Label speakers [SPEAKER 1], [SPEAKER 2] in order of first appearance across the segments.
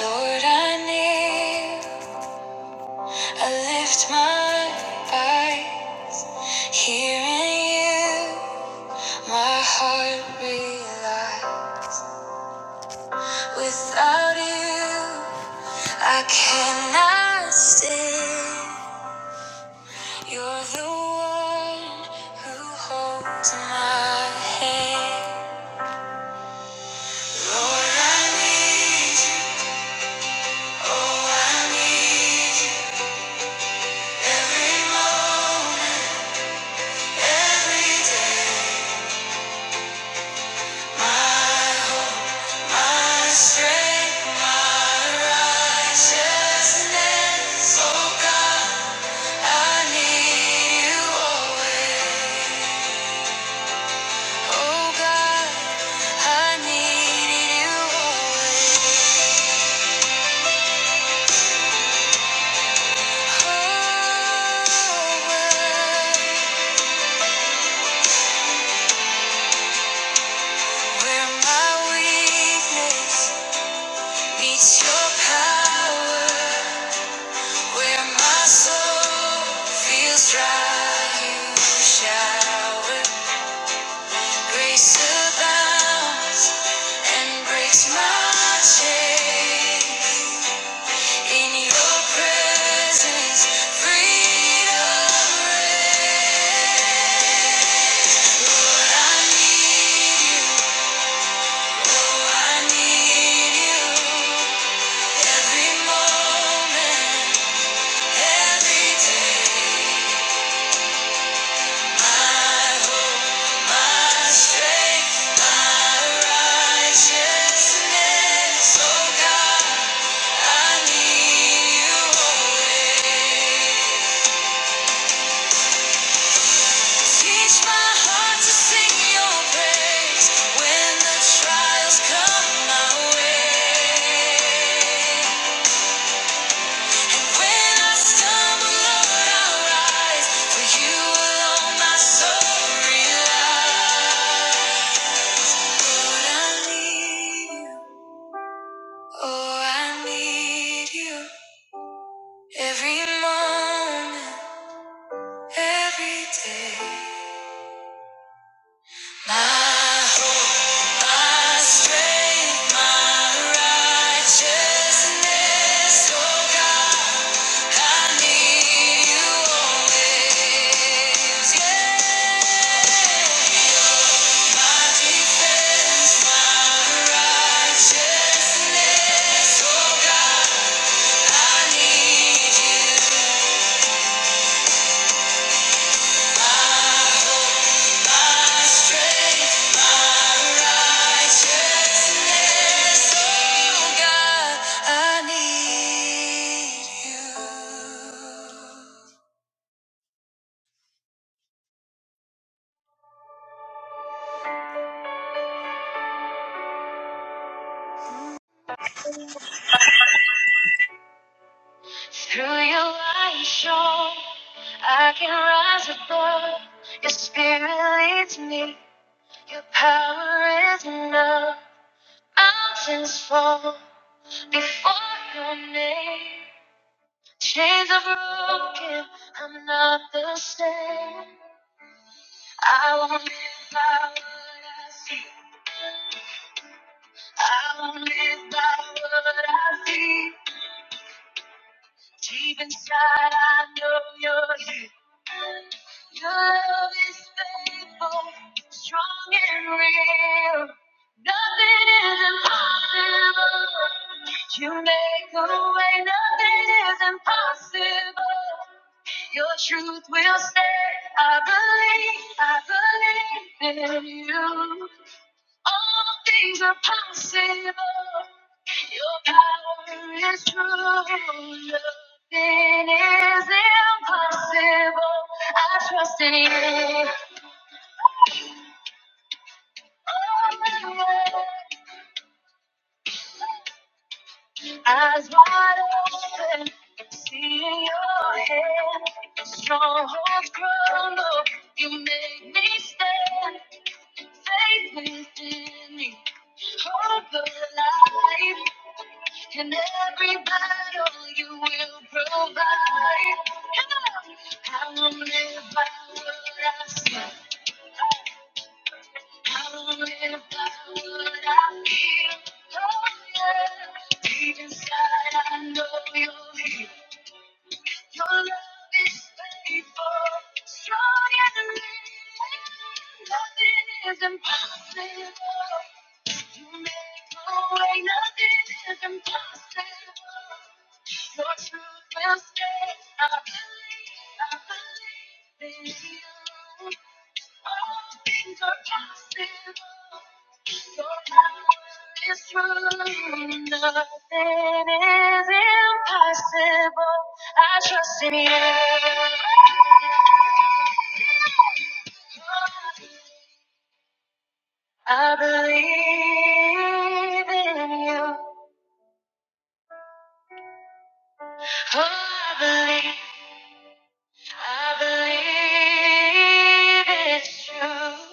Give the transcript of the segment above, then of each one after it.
[SPEAKER 1] Lord, I kneel, I lift my eyes, hearing you, my heart relies. Without you, I cannot stand. You're the one who holds my hand. Lord, I need you, oh, I need you every moment, every day. My heart. Your power, where my soul feels dry, you shower. Grace abounds and breaks my chains. In your presence, freedom reigns. But I need you, oh, I need you. Every moment, every day. My hope, my strength, my righteousness, oh God. I need you always. Teach my heart to sing your praise when the trials come my way. When I stumble, Lord, i rise. For you alone, my soul relies. Lord, I need you. Oh, I need you every moment, every day. My hope, my strength, my righteousness, oh God, I need you always. Yeah. My defense, my righteousness, oh God, I need you. Through your light show, I can rise above. Your spirit leads me, your power is enough. Mountains fall before your name. Chains are broken, I'm not the same. I won't live by what I see. I won't live by what I see. Deep inside, I know you're here. Your love is faithful, strong and real. Nothing is impossible. You make a way, nothing is impossible. Your truth will stay. I believe, I believe in you. All things are possible. Your power is true. Nothing is impossible. I trust in you. Eyes wide open, seeing your hand. Strongholds crumble. You make me stand. Faith within me, hope of life and every battle you will provide. I will live by what I say. I will live by what I feel. Oh yeah, deep inside I know you're here. Your love is faithful, strong and real. Nothing is impossible. You make a way, nothing is impossible. Your truth will stay. I believe, I believe. I believe in you. Oh, I believe, I believe it's true.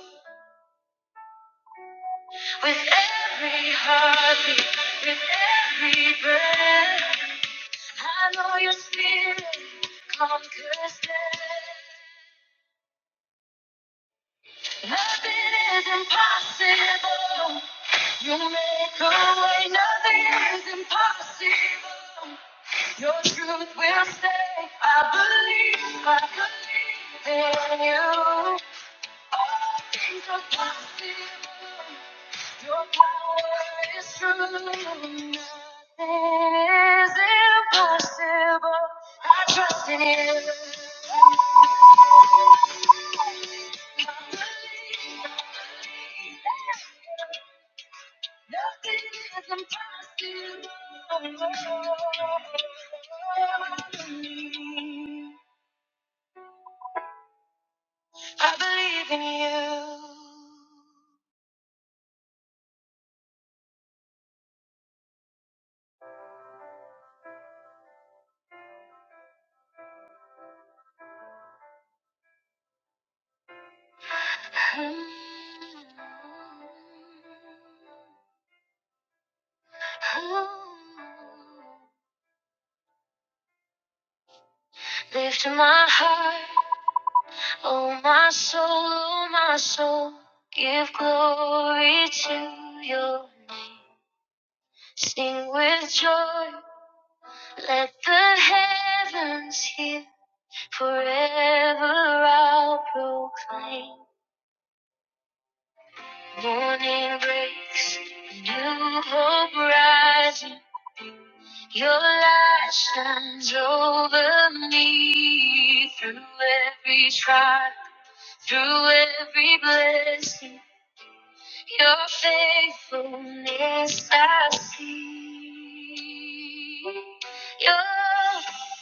[SPEAKER 1] With every heartbeat, with every breath, I know your spirit conquers death. Nothing is impossible. You make a way, nothing is impossible. Your truth will stay. I believe, I believe in you. All things are possible. Your power is true. Nothing is impossible. I trust in you. Nothing is impossible. I believe in you. Oh, Lift my heart, oh my soul, oh my soul. Give glory to your name. sing with joy. Let the heavens hear forever. I'll proclaim. Morning breaks, new hope rising. Your light shines over me through every trial. Through every blessing, your faithfulness I see. Your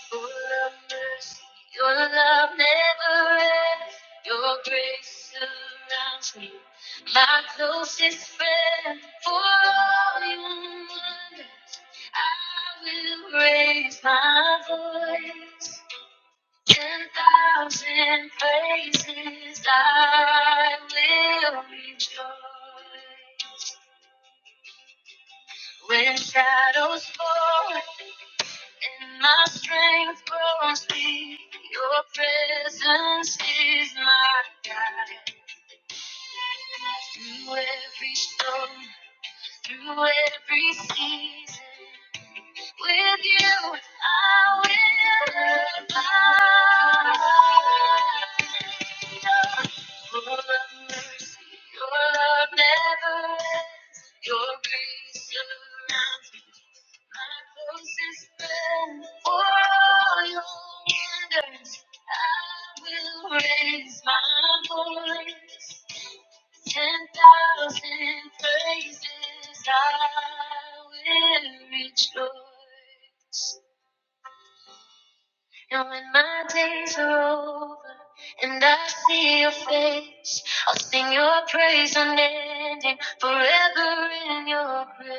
[SPEAKER 1] full of mercy, your love never ends. Your grace surrounds me, my closest friend. For all you wonder, I will raise my voice. Ten thousand praises I will rejoice. When shadows fall and my strength grows weak, your presence is my guide. Through every storm, through every season, With you, I will abide. Full of mercy, your love never ends. Your grace surrounds me. My voice is bent for your wonders. I will raise my voice. Ten thousand praises I will rejoice. And when my days are over and I see your face, I'll sing your praise unending forever in your praise.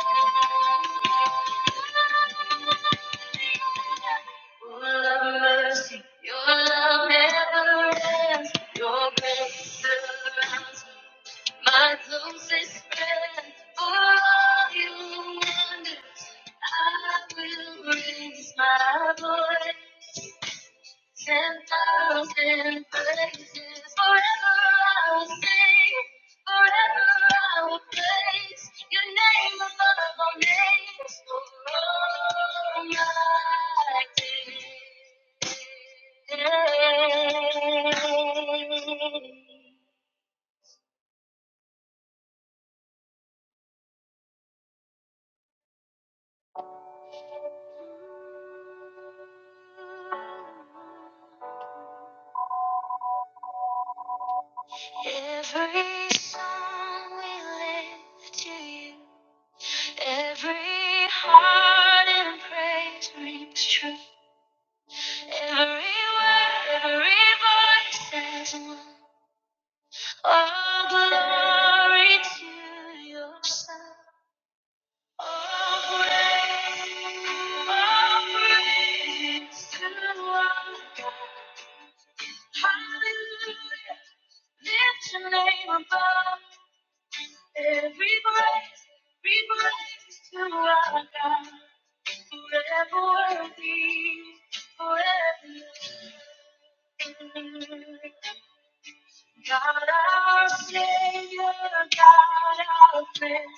[SPEAKER 1] Oh. Full of mercy, your love never ends. Your grace surrounds my closest friend. For all your wonders, I will raise my voice. Ten thousand places forever I will sing, forever I will praise your name above all names, all my days. Every song we lift to you, every heart in praise rings true. Every word, every voice says one. All glory to your Son. All praise, all praise to our God. Hallelujah. Lift your name above every praise, every praise to our God. Forever worthy, forever. God our Savior, God our friend,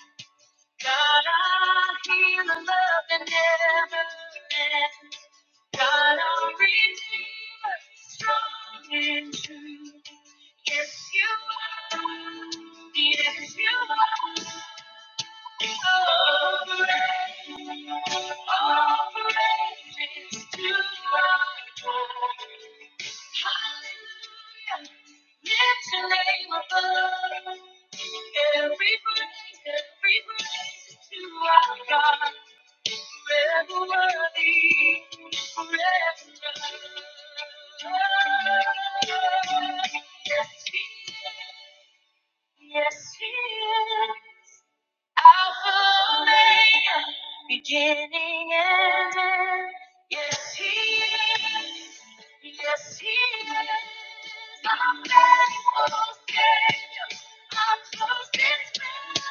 [SPEAKER 1] God our healer, love that never ends. God our Redeemer, strong and true. Yes, you are. Yes, you are. Yes, he is. Alpha Omega, beginning and end. Yes, He is. Yes, He is. I'm getting close, yeah. I'm close in time.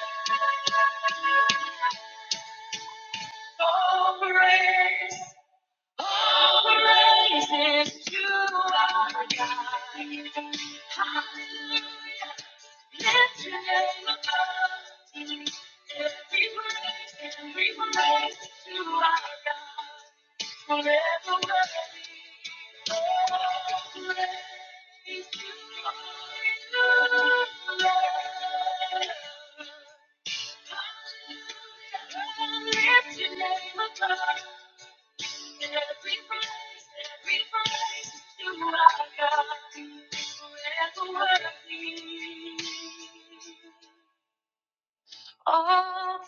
[SPEAKER 1] Oh, grace. All praises to our God. Hallelujah. Lift your name above. Every praise, every praise to our God. All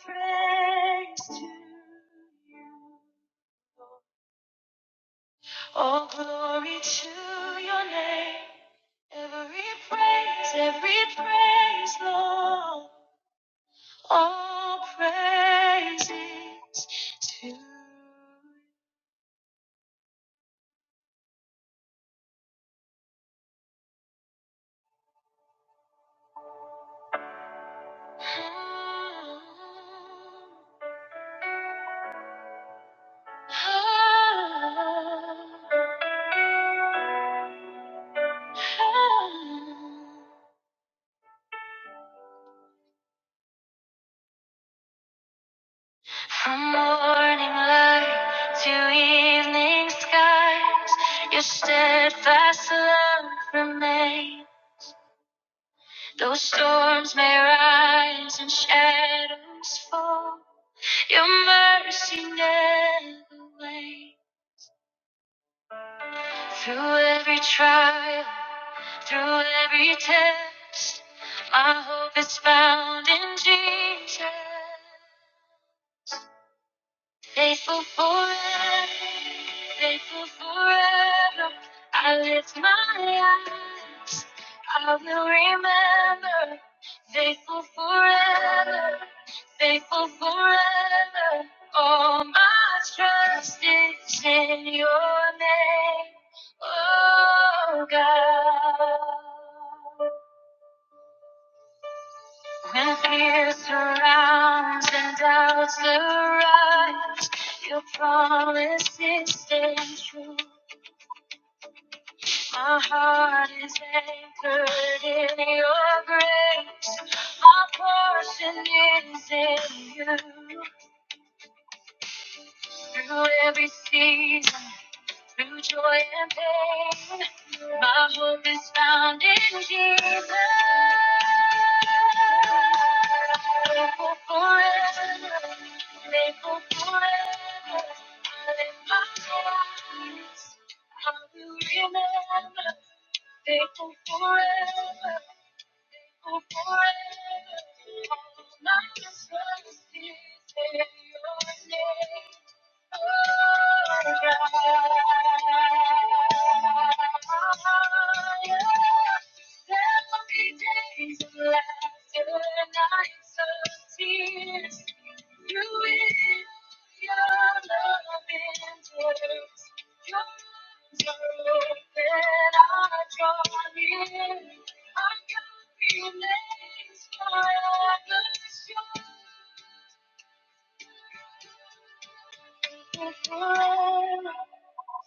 [SPEAKER 1] praise to you. All glory to your name. Every praise, every praise, Lord. All praises to you. Ah, ah, ah. From morning light to evening skies, your steadfast love remains. Though storms may rise and shadows fall, your mercy never wanes. Through every trial, through every test, my hope is found in Jesus. Faithful forever, faithful forever. I lift my eyes, I will remember. Faithful forever, faithful forever. All my trust is in your name, oh God. When fear surrounds and doubts arise, your promises stand true. My heart is anchored in your grace. My portion is in you. Through every season, Through joy and pain, my hope is found in Jesus. Faithful forever, faithful forever, I lift my eyes. I will remember, faithful forever. Forever, all my promises in your name. Oh, God, tell me days are left.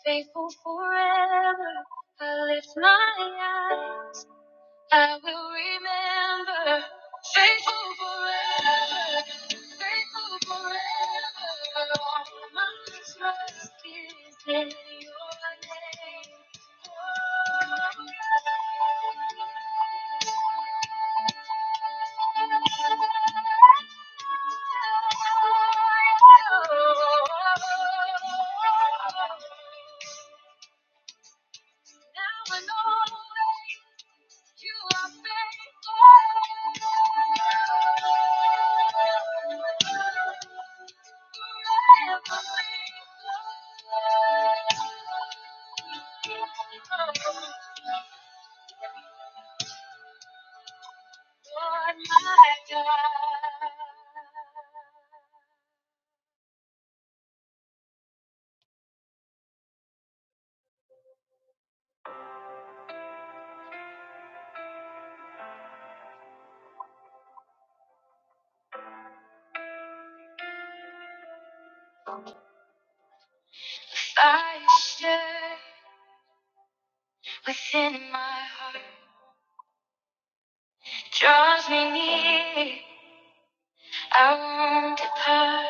[SPEAKER 1] Faithful forever, I lift my eyes. I will remember. Faithful forever. Faithful forever. All my trust is in your name. Oh, now and always. You are faithful. Within my heart, joy and power,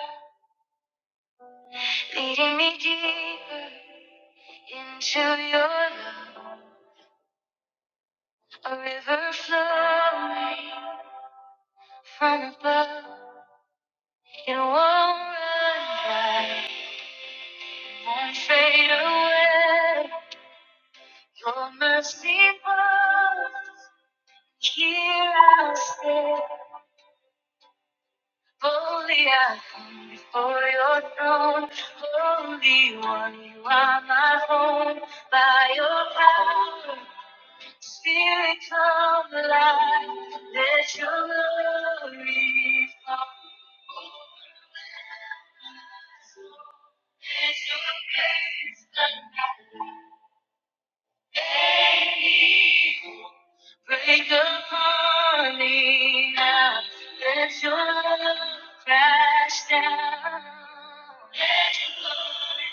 [SPEAKER 1] leading me deeper in love, a river flowing from above. It won't run dry, won't fade away. Your mercy falls, here I'll stay. Boldly I come before your throne. Holy One, you are my home. By your power, Spirit come alive. Let your glory fall. Let your praise come alive. And evil break upon me now. Let your love crash down. Let your glory,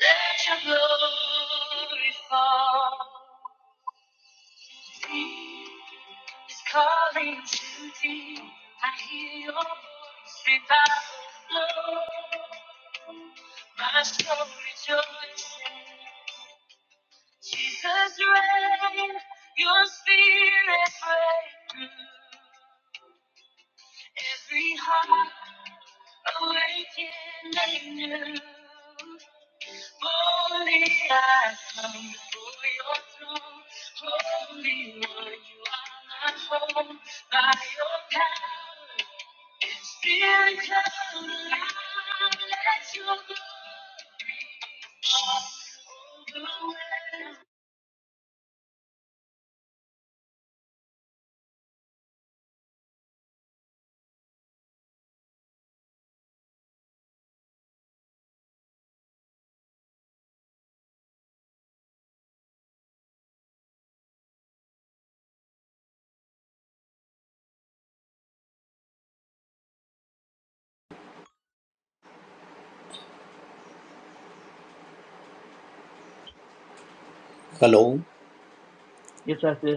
[SPEAKER 1] let your glory fall. Deep is calling to deep. I hear your voice revival flow. My soul rejoices. Jesus reign, your spirit break through every heart awakening new. Holy, I come before your throne. Holy One, you are my home. By your power, And Spirit come alive, let your glory fall.
[SPEAKER 2] Hello.
[SPEAKER 1] Overwhelm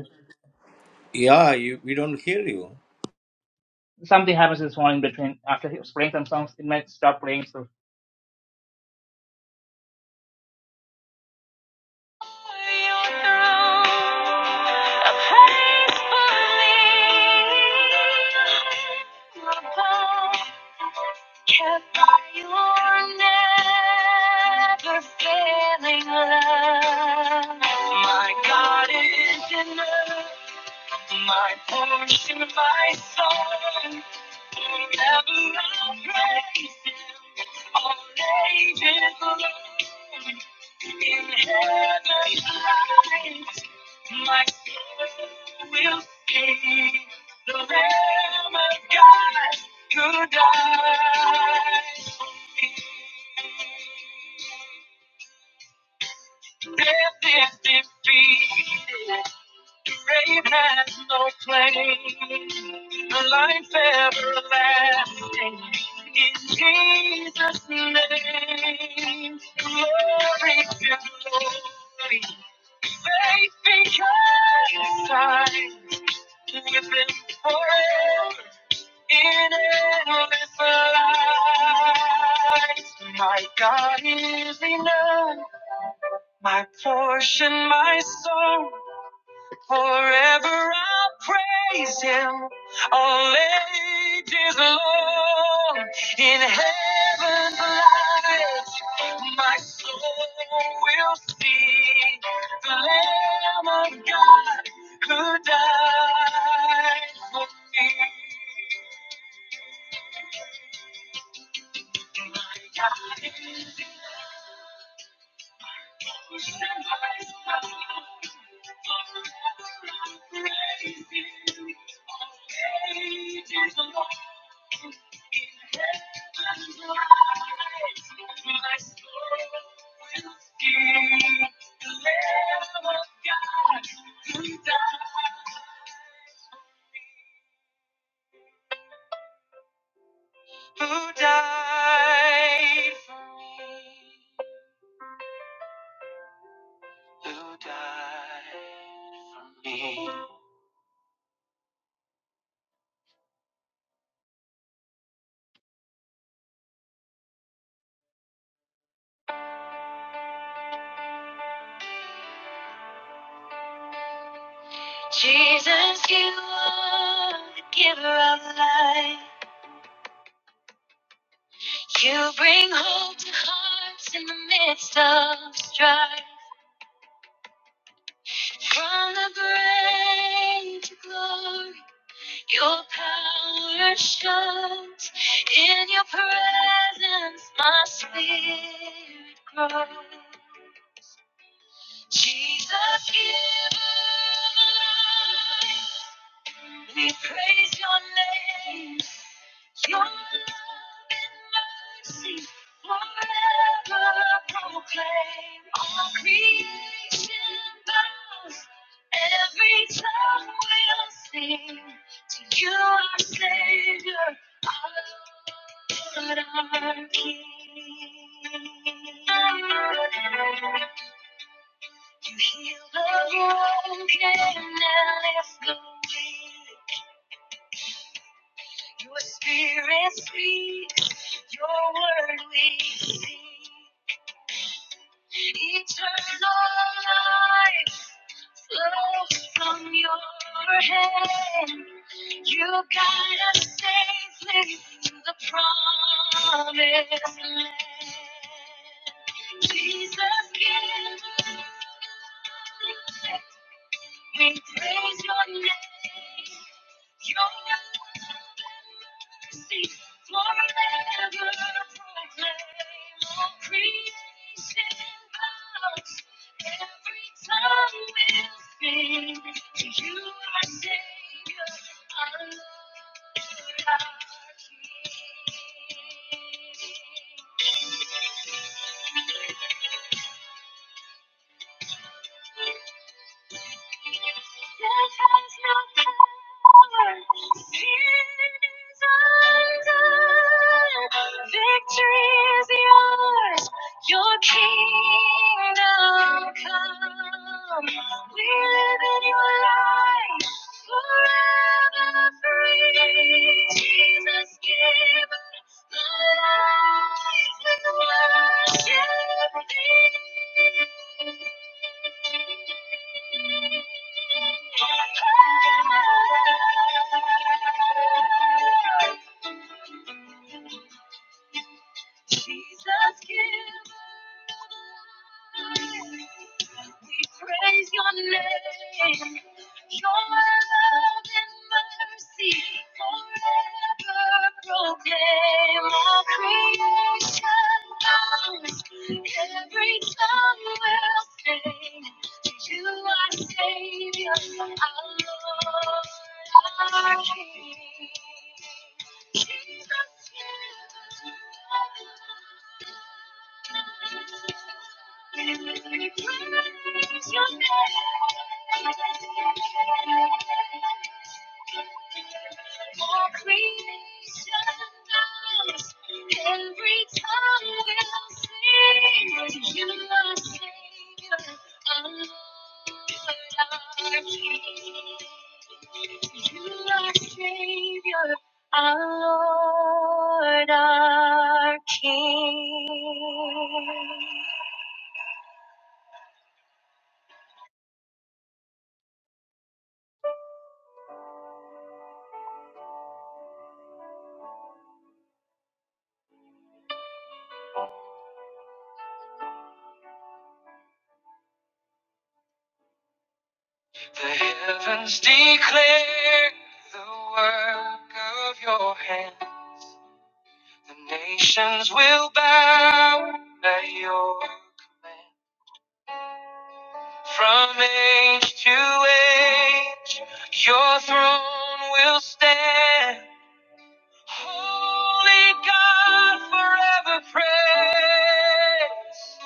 [SPEAKER 2] Yeah, you, we don't hear you.
[SPEAKER 1] something happens in this one in between. After he's playing some songs, it might stop playing. So. my portion, my song, forever I'll praise you. All ages long, in heaven's light, my soul will sing. The Lamb of God who died, death is defeated, grave has no claim. Life everlasting in Jesus' name, glory to glory. Faith becomes I live in forever in endless light. My God is enough, my portion, my song. Forever I'll praise him, all ages long. In heaven's light, my soul will see the Lamb of God who died for me. My God is who died for me? Who died for me? Jesus, you are the giver of life. You bring hope to hearts in the midst of strife. From the brain to glory, your power shines. In your presence, my spirit grows. Jesus, Giver of life. We praise your name. Your love and mercy forever proclaim. All creation bows, every tongue will sing. To you, our Savior, our Lord, our King. You heal the broken and lift the weight. Your spirit speaks, your word we see. Eternal life flows from your hand. You guide us safely to the promised land. Jesus, give us life. We praise your name. Your love and mercy forever proclaim. All creation bows. Every tongue will sing. You are Savior, our Lord, our King. Victory is yours. Your kingdom come. We live in your light forever free. Jesus, give us the life and worship thee. Jesus, give We praise your name. Your love and mercy forever proclaim all creation. Every tongue will sing to you, our Savior, our Lord, our King. Jesus, give us Praise Your name, all creation knows. Every tongue will sing to You, our Savior, our life, You are Savior. Our Lord, our King. The heavens declare the work of your hands. The nations will bow at your command. From age to age, your throne will stand. Holy God, forever praise.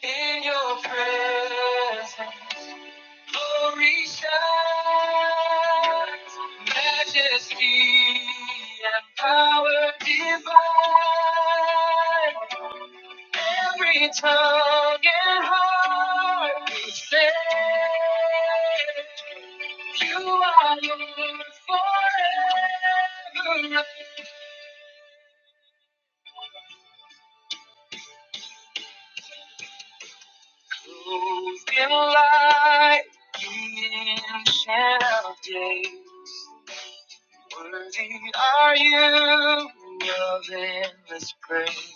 [SPEAKER 1] In your presence, glory shines, majesty and power divine. Every tongue and heart will say, You are Lord forever. Clothed in light, you ancient of days. Worthy are you of endless praise.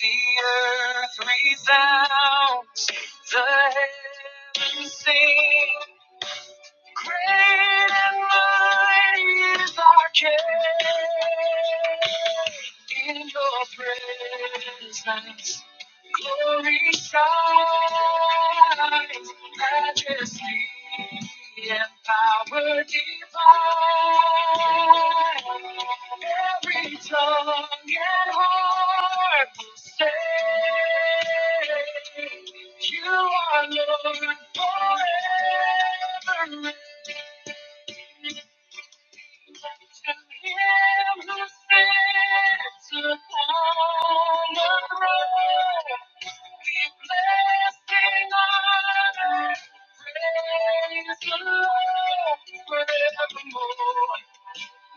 [SPEAKER 1] The earth resounds, the heavens sing. Great and mighty is our King. In your presence Glory shines, majesty and power divine. Every tongue and heart will say, You are Lord forever. To him who sits upon the throne, be blessing, honor, praise the Lord forevermore.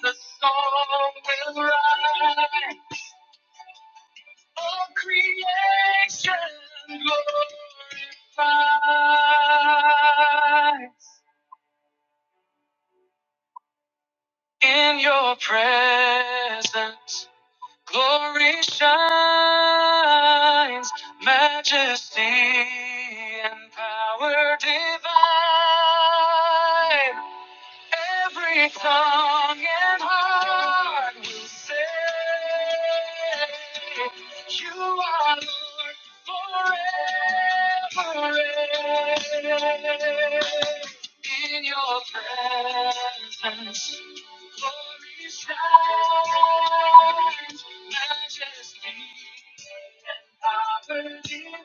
[SPEAKER 1] The song will rise, all creation glorifies in your presence. Glory shines, majesty and power divine. Every tongue and heart will say, You are Lord forever in your presence. Glory shines, majesty and power divine.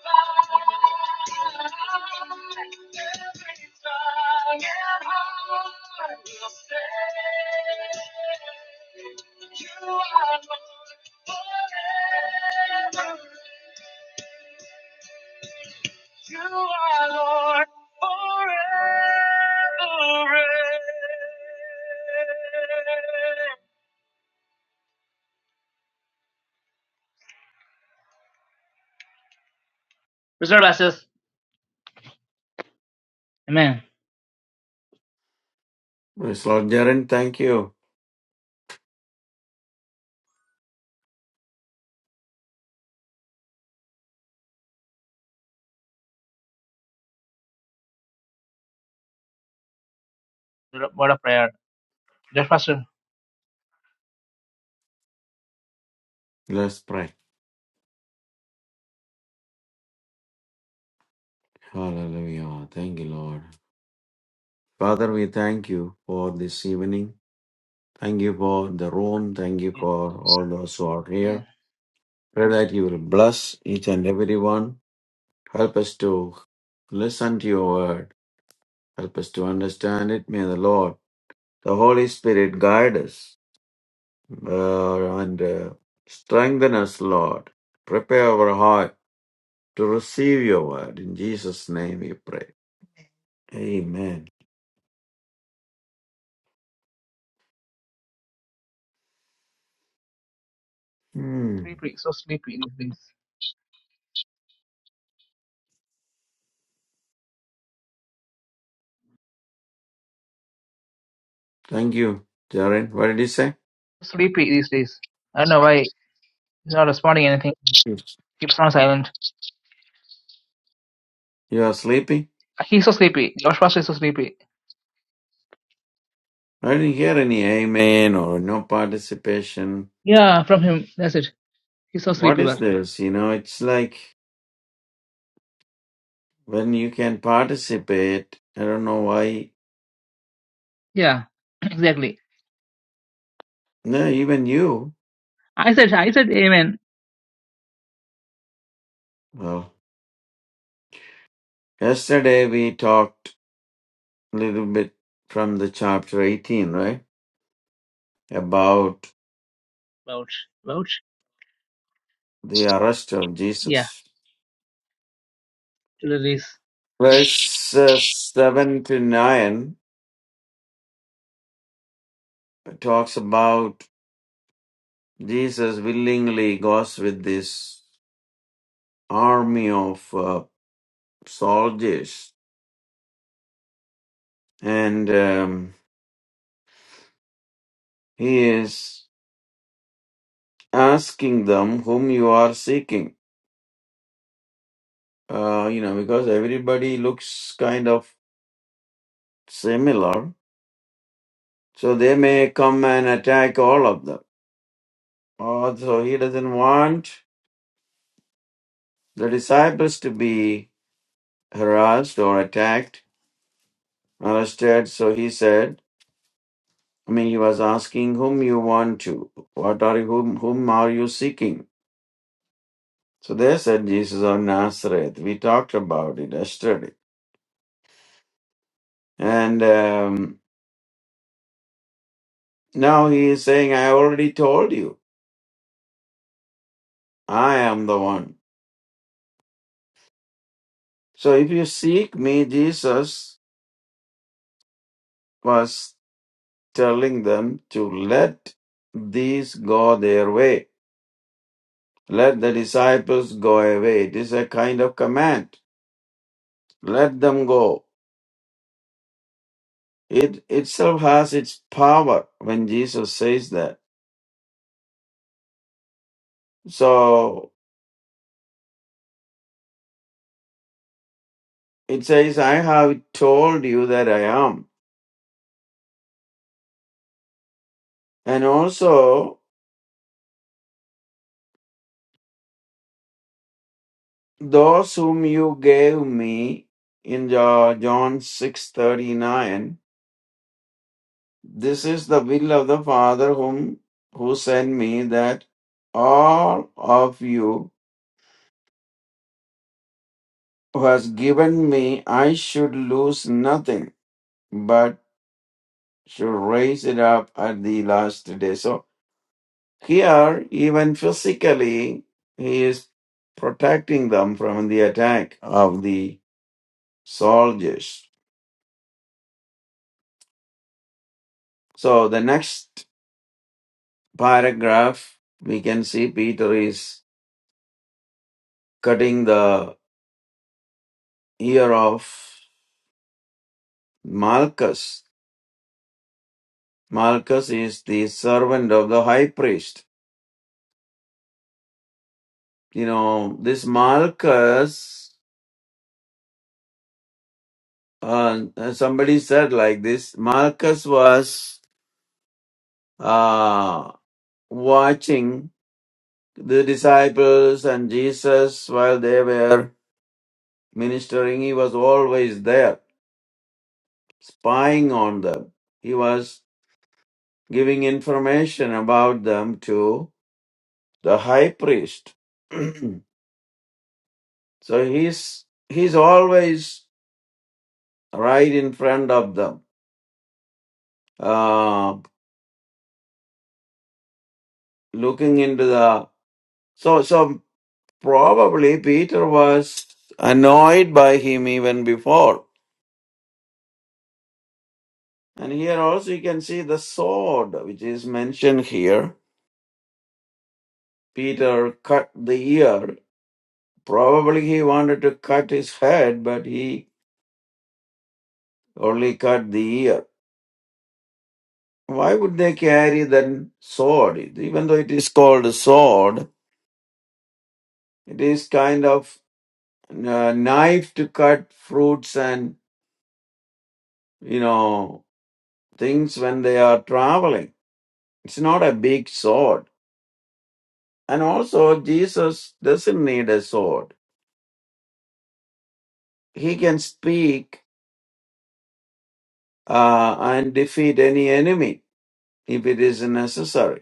[SPEAKER 1] Every tongue and heart will say, You are Lord forever. You are Lord forever. Mr. Blasters, Amen.
[SPEAKER 3] Yes, Lord Jaren, thank you.
[SPEAKER 1] What a prayer. Just Pastor.
[SPEAKER 3] Let's pray. Hallelujah. Thank you, Lord. Father, we thank you for this evening. Thank you for the room. Thank you for all those who are here.
[SPEAKER 1] Amen.
[SPEAKER 3] Pray that you will bless each and every one. Help us to listen to your word. Help us to understand it. May the Lord, the Holy Spirit, guide us uh, and uh, strengthen us, Lord. Prepare our heart to receive your word. In Jesus' name we pray. Amen. Hmm.
[SPEAKER 1] Sleepy, so sleepy these days.
[SPEAKER 3] Thank you, Jaren. What did you say?
[SPEAKER 1] So sleepy these days. I don't know why he's not responding anything.
[SPEAKER 3] Yes.
[SPEAKER 1] Keeps on silent.
[SPEAKER 3] You are sleepy?
[SPEAKER 1] He's so sleepy. Josh Pastor is so sleepy.
[SPEAKER 3] I didn't hear any amen or no participation.
[SPEAKER 1] Yeah, from him. That's it. He's so
[SPEAKER 3] What
[SPEAKER 1] sleepy.
[SPEAKER 3] is
[SPEAKER 1] But
[SPEAKER 3] this? You know, it's like when you can participate, I don't know why.
[SPEAKER 1] yeah, exactly.
[SPEAKER 3] No, even you.
[SPEAKER 1] I said, I said, Amen.
[SPEAKER 3] Well, yesterday we talked a little bit from the chapter 18, right? About
[SPEAKER 1] Vouch, vouch.
[SPEAKER 3] the arrest of
[SPEAKER 1] Yeah,
[SPEAKER 3] Jesus.
[SPEAKER 1] to release.
[SPEAKER 3] Verse uh, 7 to 9 talks about Jesus willingly goes with this army of uh, soldiers and um, he is asking them whom you are seeking. Uh, you know, because everybody looks kind of similar, so they may come and attack all of them. Uh, so he doesn't want the disciples to be harassed or attacked, arrested. So he said, I mean, he was asking whom you want to, what are you, whom, whom are you seeking? So they said Jesus of Nazareth. We talked about it yesterday. And um, now he is saying, I already told you, I am the one. So if you seek me, Jesus was telling them to let these go their way. Let the disciples go away. It is a kind of command. Let them go It itself has its power when Jesus says that. So it says, I have told you that I am. And also, those whom you gave me in Jo- John 6:39 this is the will of the father whom who sent me that all of you who has given me I should lose nothing but should raise it up at the last day so Here, even physically, he is protecting them from the attack of the soldiers. So, the next paragraph, we can see Peter is cutting the ear of Malchus. Malchus is the servant of the high priest. You know, this Malchus, uh, somebody said like this Malchus was uh, watching the disciples and Jesus, while they were ministering, he was always there, spying on them. He was giving information about them to the high priest. so he's he's always right in front of them, uh, looking into the. So so probably Peter was annoyed by him even before. And here also you can see the sword, which is mentioned here Peter cut the ear. Probably he wanted to cut his head, but he only cut the ear. Why would they carry that sword? Even though it is called a sword, it is kind of a knife to cut fruits and, you know, things when they are traveling. It's not a big sword. And also, Jesus doesn't need a sword. He can speak uh, and defeat any enemy if it is necessary.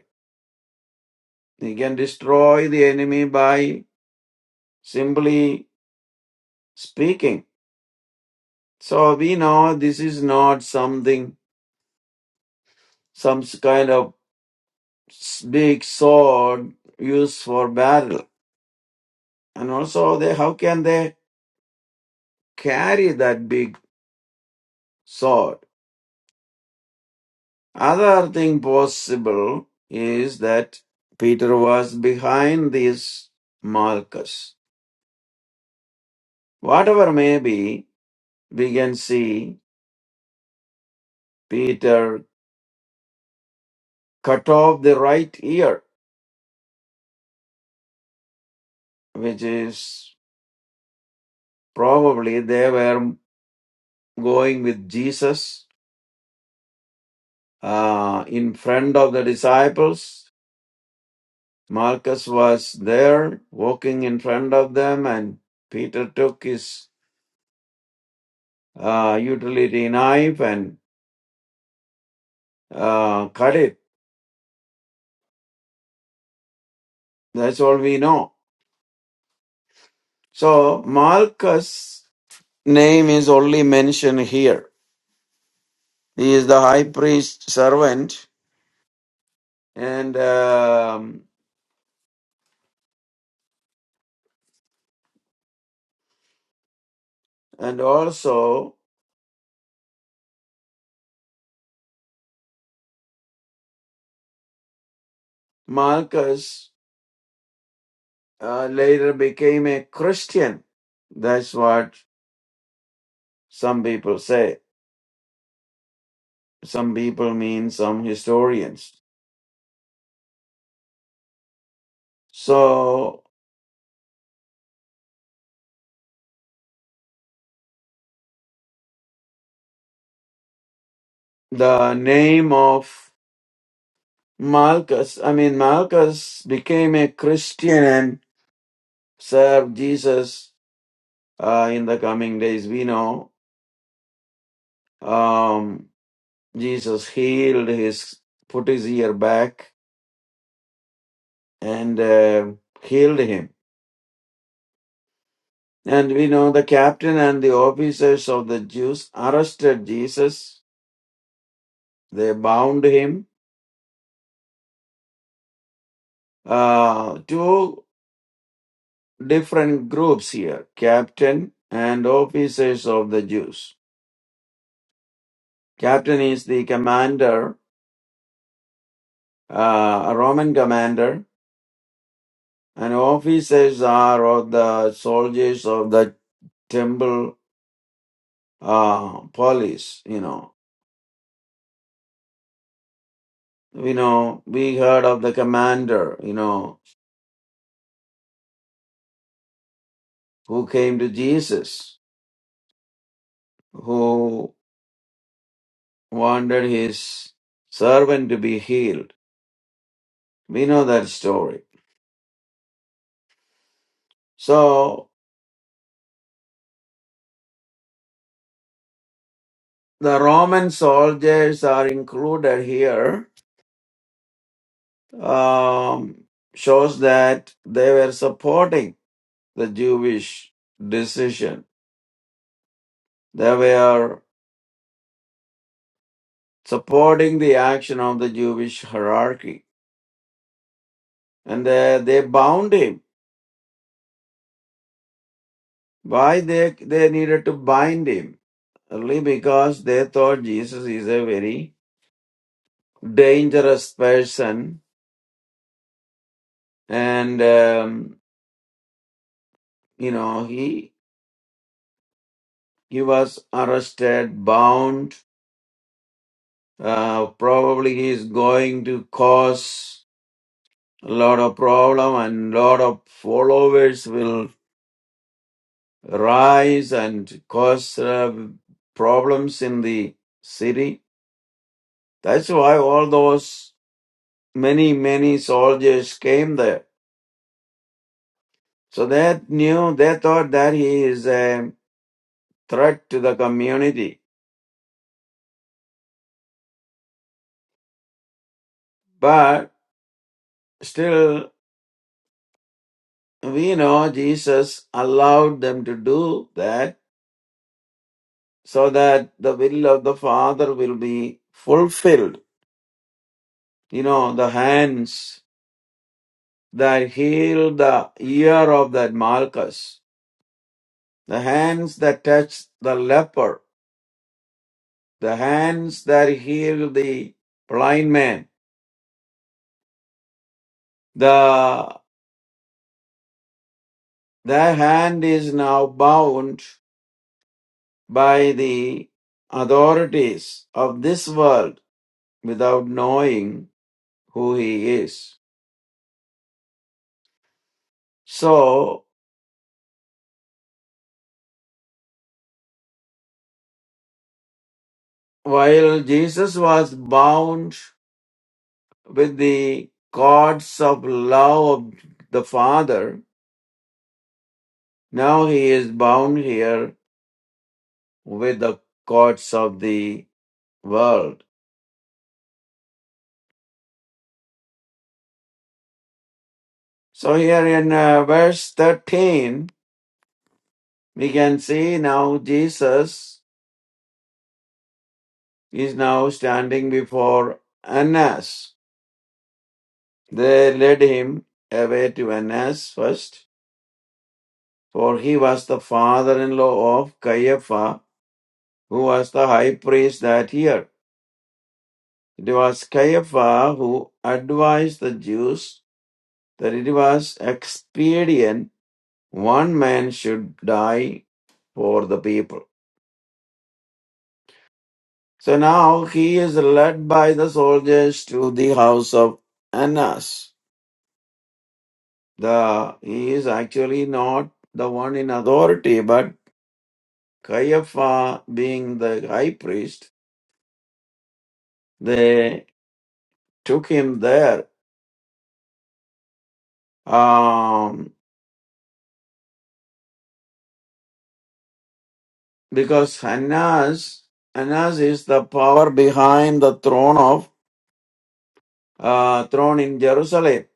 [SPEAKER 3] He can destroy the enemy by simply speaking. So we know this is not something, some kind of big sword used for battle. And also, they, how can they carry that big sword? Other thing possible is that Peter was behind this Malchus. Whatever may be, we can see Peter cut off the right ear which is probably they were going with Jesus uh, in front of the disciples. Marcus was there walking in front of them, and Peter took his uh, utility knife and uh, cut it. That's all we know. So, Marcus' name is only mentioned here. He is the high priest servant, and um, and also Marcus uh, later became a Christian. That's what some people say. Some people mean some historians. So the name of Malchus, I mean, Malchus became a Christian and served Jesus uh, in the coming days. We know um, Jesus healed his, put his ear back and uh, healed him And we know the captain and the officers of the Jews arrested Jesus. They bound him. Uh, two different groups here captain and officers of the Jews. Captain is the commander, uh, a Roman commander, and officers are of the soldiers of the temple uh, police, you know. You know, we heard of the commander, you know, who came to Jesus who wanted his servant to be healed. We know that story. So the Roman soldiers are included here, um, shows that they were supporting the Jewish decision. They were supporting the action of the Jewish hierarchy. And they, they bound him. Why they, they needed to bind him? Only because they thought Jesus is a very dangerous person and um, you know he he was arrested bound uh, probably he is going to cause a lot of problem and lot of followers will rise and cause uh, problems in the city that's why all those many many soldiers came there so they knew they thought that he is a threat to the community but Still, we know Jesus allowed them to do that so that the will of the Father will be fulfilled. You know, the hands that healed the ear of that Malchus, the hands that touched the leper, the hands that healed the blind man, the that hand is now bound by the authorities of this world without knowing who he is. So, while Jesus was bound with the cords of love of the Father, now he is bound here with the cords of the world. So, here in uh, verse 13, we can see now Jesus is now standing before Annas. They led him away to Annas first for he was the father-in-law of Caiaphas, who was the high priest that year. It was Caiaphas who advised the Jews that it was expedient one man should die for the people. So now he is led by the soldiers to the house of Annas. The he is actually not the one in authority, but Caiaphas being the high priest, they took him there Um, because Hannas, Hannas is the power behind the throne of uh, throne in Jerusalem.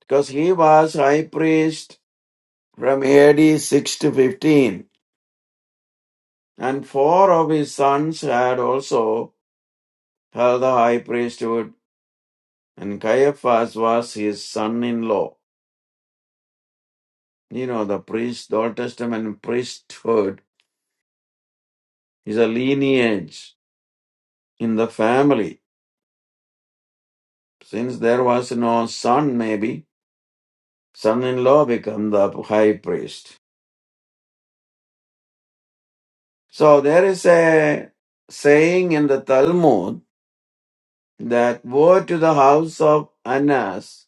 [SPEAKER 3] Because he was high priest from AD 6 to 15, and four of his sons had also held the high priesthood, and Caiaphas was his son-in-law. You know, the priest, the Old Testament priesthood is a lineage in the family. Since there was no son, maybe son-in-law become the high priest. So there is a saying in the Talmud that woe to the house of Anas!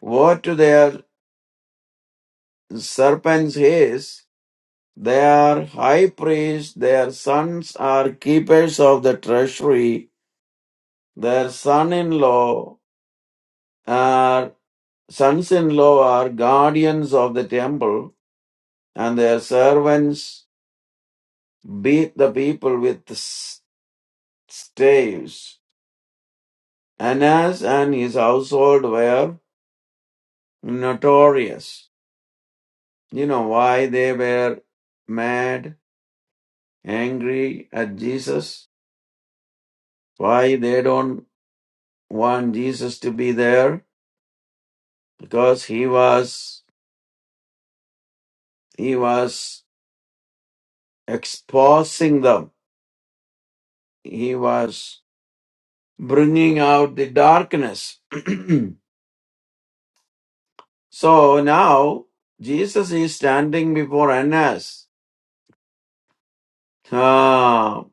[SPEAKER 3] woe to their serpents his, they are high priests, their sons are keepers of the treasury, their son-in-law are sons-in-law are guardians of the temple, and their servants beat the people with s- staves Annas and his household were notorious. You know why they were mad, angry at Jesus? Why they don't want Jesus to be there? Because he was, he was exposing them. He was bringing out the darkness. so now Jesus is standing before Annas. Ah,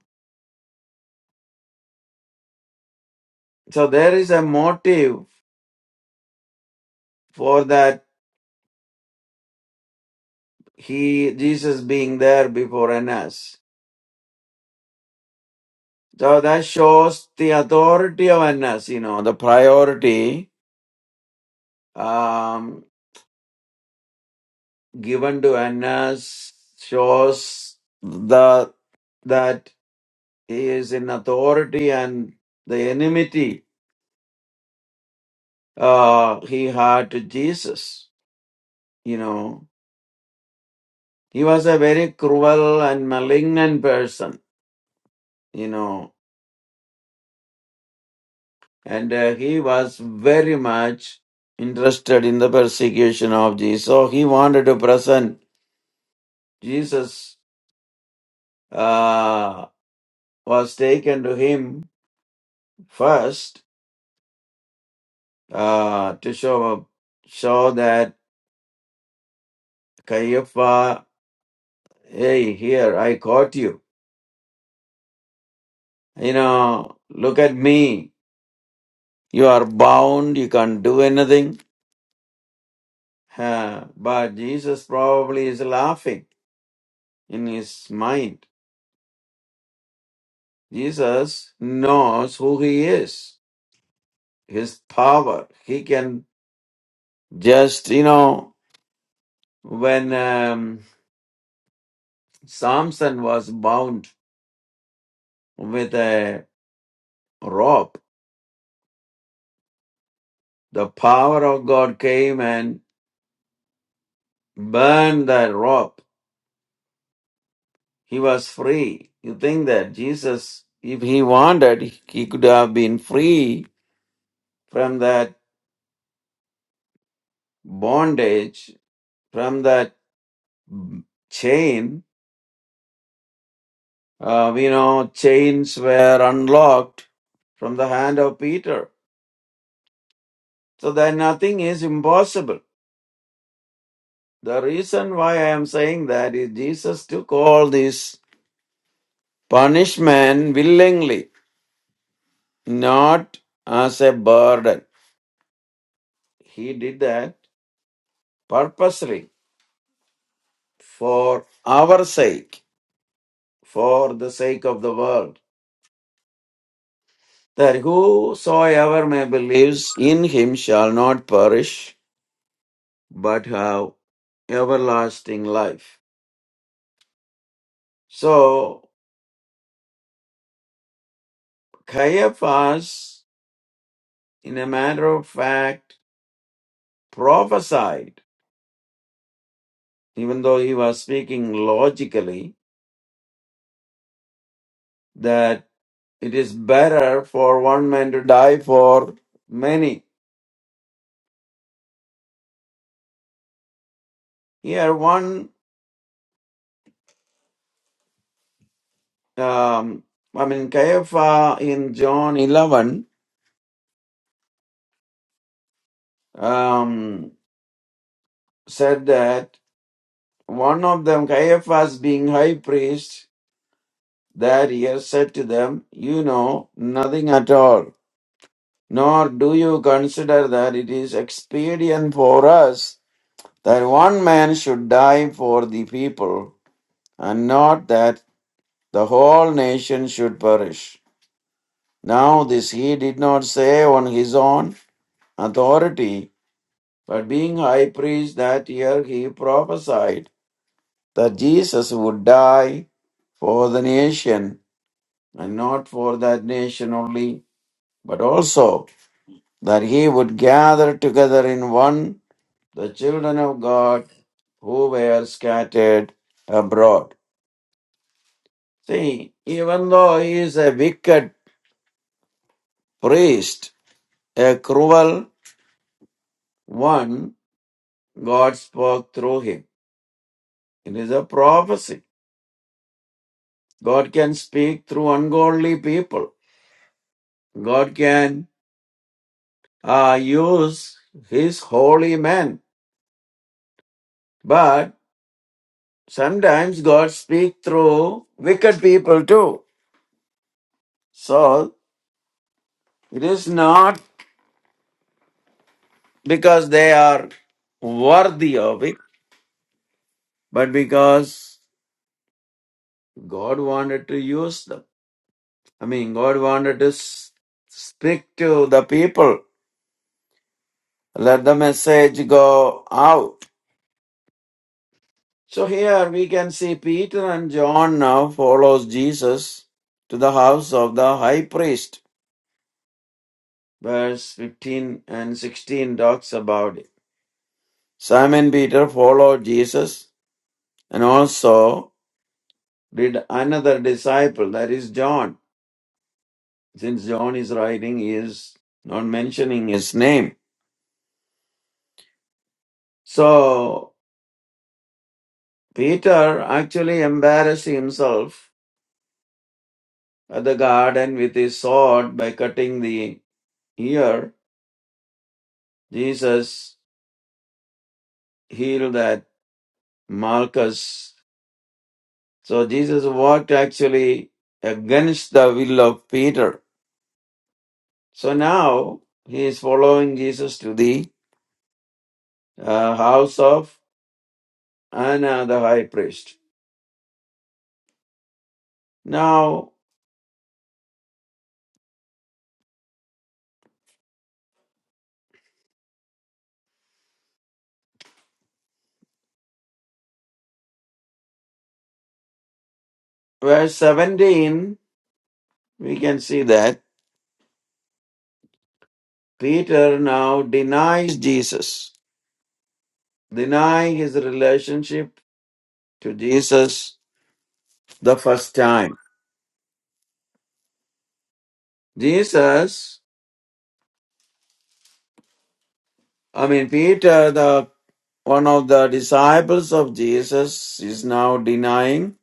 [SPEAKER 3] so there is a motive for that he Jesus being there before Annas. So that shows the authority of Annas, you know, the priority um, given to Annas shows the that he is in authority and the enmity uh, he had to Jesus. You know, he was a very cruel and malignant person. You know, and uh, he was very much interested in the persecution of Jesus. So he wanted to present Jesus uh, was taken to him first uh, to show show that Caiapha, hey, here I caught you. You know, look at me. You are bound. You can't do anything. Uh, but Jesus probably is laughing in his mind Jesus knows who he is, his power. He can just, you know, when um, Samson was bound with a rope, the power of God came and burned that rope. He was free. You think that Jesus, if he wanted, he could have been free from that bondage, from that chain, Uh, we know chains were unlocked from the hand of Peter. So that nothing is impossible. The reason why I am saying that is Jesus took all this punishment willingly, not as a burden. He did that purposely for our sake, for the sake of the world. That whosoever may believes in him shall not perish, but have everlasting life. So Caiaphas, in a matter of fact, prophesied, even though he was speaking logically, that it is better for one man to die for many. Here, one, um, I mean, Caiaphas in John 11 um, said that one of them, Caiaphas being high priest, that year said to them, You know nothing at all Nor do you consider that it is expedient for us that one man should die for the people, and not that the whole nation should perish. Now, this he did not say on his own authority, but being high priest that year, he prophesied that Jesus would die for the nation, and not for that nation only, but also that he would gather together in one the children of God who were scattered abroad. See, even though he is a wicked priest, a cruel one, God spoke through him. It is a prophecy. God can speak through ungodly people. God can uh, use his holy men. But sometimes God speaks through wicked people too. So it is not because they are worthy of it, but because God wanted to use them. I mean, God wanted to s- speak to the people, let the message go out. So here we can see Peter and John now follows Jesus to the house of the high priest. Verse 15 and 16 talks about it. Simon Peter followed Jesus and also did another disciple, that is John. since John is writing, he is not mentioning his name. So Peter actually embarrassed himself at the garden with his sword by cutting the ear. Jesus healed that Malchus. So Jesus worked actually against the will of Peter. So now he is following Jesus to the uh, house of Anna the high priest. Now, verse 17 we can see that Peter now denies Jesus, denying his relationship to Jesus the first time. Jesus, I mean, Peter, the one of the disciples of Jesus, is now denying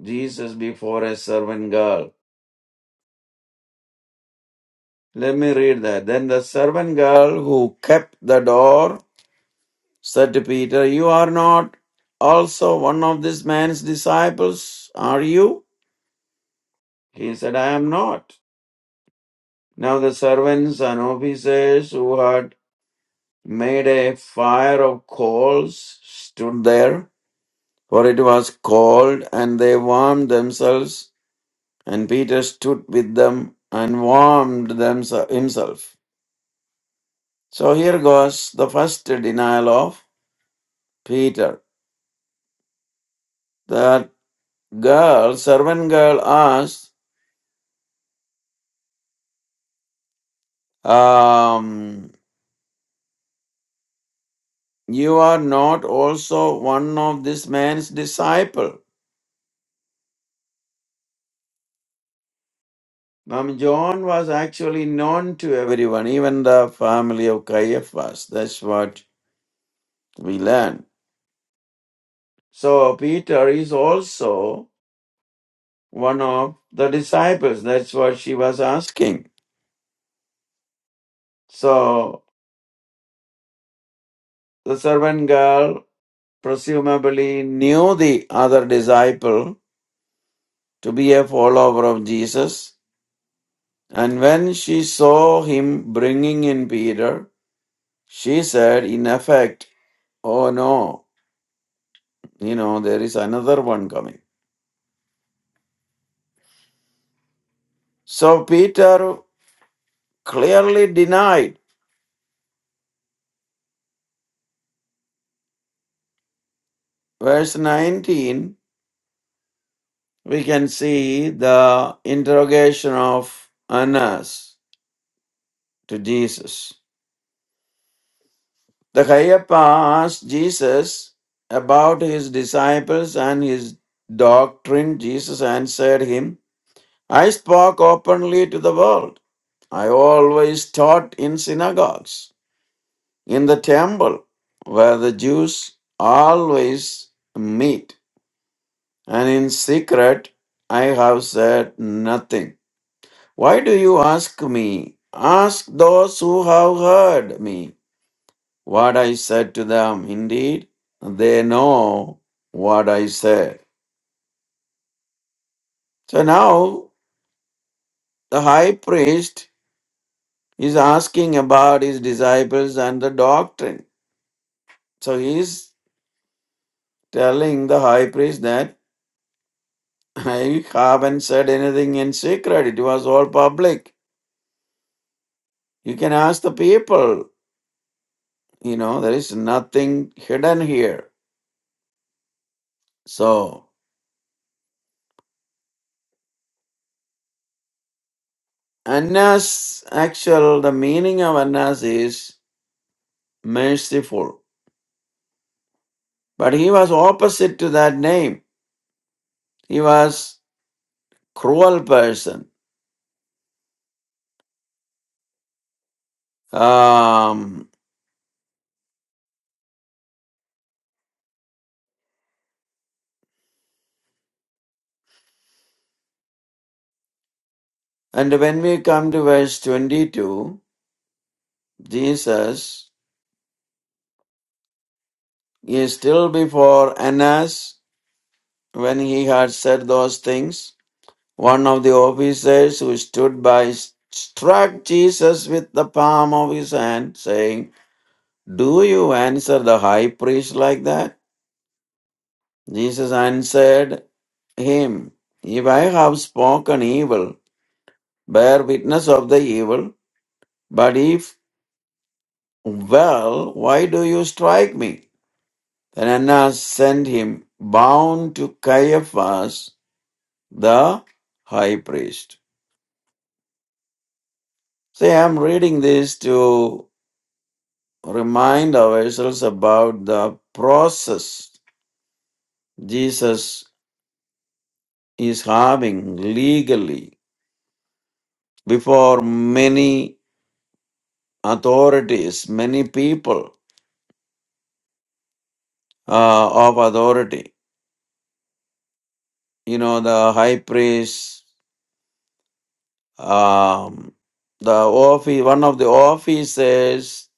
[SPEAKER 3] Jesus before a servant girl. Let me read that. Then the servant girl who kept the door said to Peter, You are not also one of this man's disciples, are you? He said, I am not. Now the servants and officers who had made a fire of coals stood there, for it was cold, and they warmed themselves, and Peter stood with them and warmed themse- himself. So here goes the first denial of Peter. That girl, servant girl, asked, um, You are not also one of this man's disciple. Now, John was actually known to everyone, even the family of Caiaphas. That's what we learn. So, Peter is also one of the disciples. That's what she was asking. So, the servant girl presumably knew the other disciple to be a follower of Jesus. And when she saw him bringing in Peter, she said, in effect, Oh no, you know, there is another one coming. So Peter clearly denied. Verse 19, we can see the interrogation of Annas to Jesus. The Caiaphas asked Jesus about his disciples and his doctrine. Jesus answered him, I spoke openly to the world. I always taught in synagogues, in the temple, where the Jews always meet. and in secret I have said nothing. Why do you ask me? Ask those who have heard me what I said to them. Indeed, they know what I said. So now the high priest is asking about his disciples and the doctrine. So he is telling the high priest that I haven't said anything in secret, it was all public. You can ask the people You know, there is nothing hidden here. So, Annas, actual, the meaning of Annas is merciful. But he was opposite to that name. He was cruel person. Um, and when we come to verse 22, Jesus is still before Annas when he had said those things. One of the officers who stood by struck Jesus with the palm of his hand, saying, Do you answer the high priest like that? Jesus answered him, If I have spoken evil, bear witness of the evil, but if well, why do you strike me? Then Annas sent him bound to Caiaphas, the high priest. See, I'm reading this to remind ourselves about the process Jesus is having legally before many authorities, many people uh, of authority. You know, the high priest, um, the office, one of the officers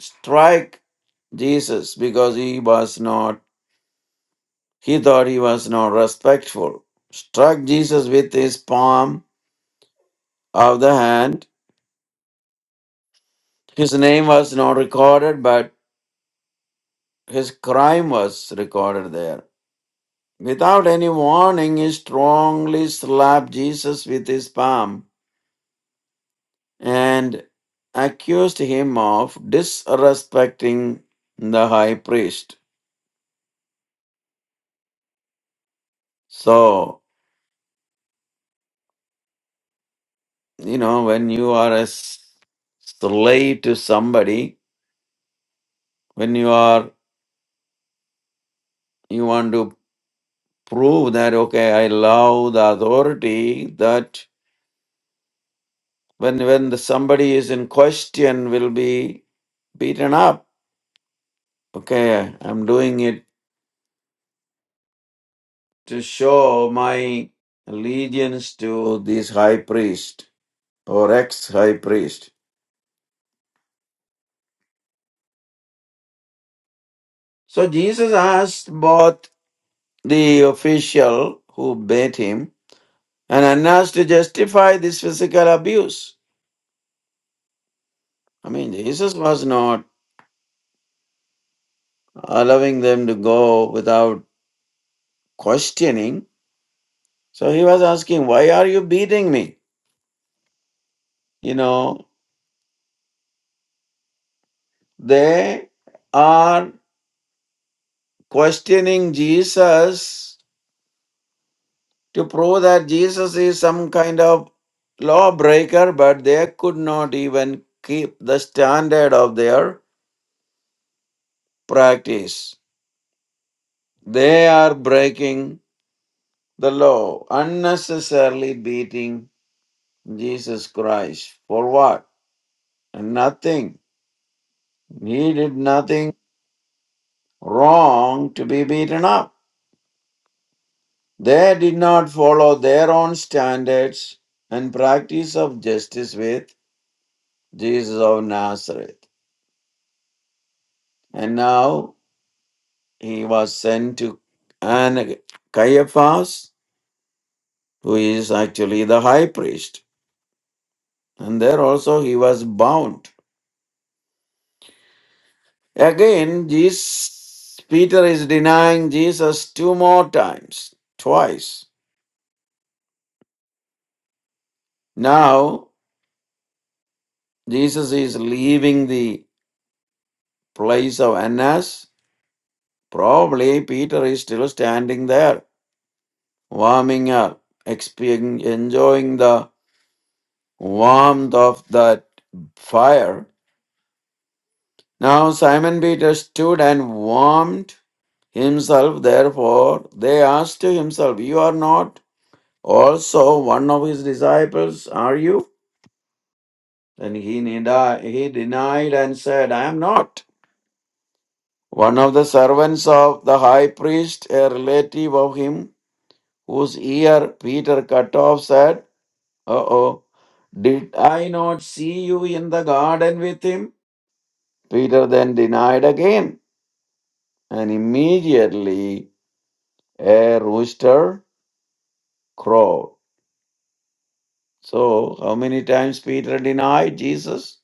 [SPEAKER 3] strike Jesus because he was not, he thought he was not respectful. Struck Jesus with his palm of the hand His name was not recorded, but his crime was recorded there. Without any warning, he strongly slapped Jesus with his palm and accused him of disrespecting the high priest. So, you know, when you are a s- slave to somebody, when you are, you want to prove that, okay, I love the authority that when when the somebody is in question will be beaten up okay i'm doing it to show my allegiance to this high priest or ex high priest so jesus asked both the official who bade him and annas to justify this physical abuse i mean jesus was not allowing them to go without questioning so he was asking why are you beating me you know They are questioning Jesus to prove that Jesus is some kind of lawbreaker, but they could not even keep the standard of their practice. They are breaking the law, unnecessarily beating Jesus Christ. For what? Nothing. He did nothing wrong to be beaten up. They did not follow their own standards and practice of justice with Jesus of Nazareth. And now he was sent to and Caiaphas, who is actually the high priest. And there also he was bound. Again, Jesus, Peter is denying Jesus two more times, twice. Now, Jesus is leaving the place of Annas Probably Peter is still standing there, warming up, expe- enjoying the warmth of that fire. Now Simon Peter stood and warmed himself, therefore they asked to himself, You are not also one of his disciples, are you? Then he, neda- he denied and said, I am not. One of the servants of the high priest, a relative of him, whose ear Peter cut off, said, Uh oh. Did I not see you in the garden with him? Peter then denied again, and immediately a rooster crowed. So, how many times Peter denied Jesus?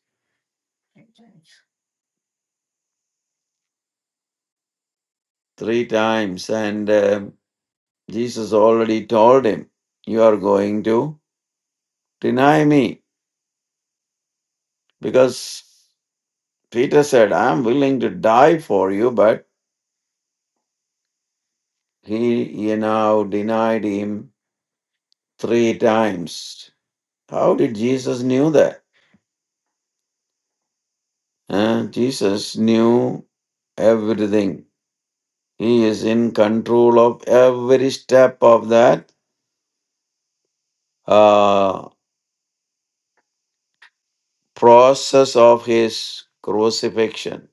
[SPEAKER 3] Three times. And um Jesus already told him, You are going to deny me. Because Peter said, I'm willing to die for you, but he, you know, denied him three times. How did Jesus knew that? Huh? Jesus knew everything. He is in control of every step of that uh, process of his crucifixion.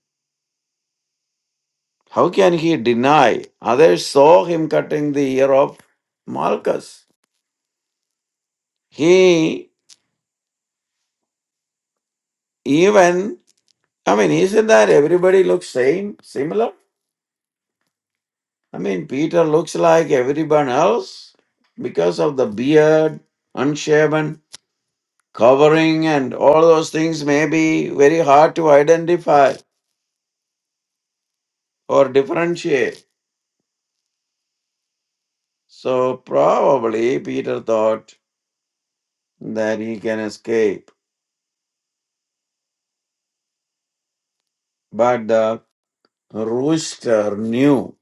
[SPEAKER 3] How can he deny? Others saw him cutting the ear of Malchus. He even, I mean, isn't that everybody looks same, similar? I mean, Peter looks like everyone else because of the beard, unshaven. Covering and all those things may be very hard to identify or differentiate. So probably Peter thought that he can escape. But the rooster knew.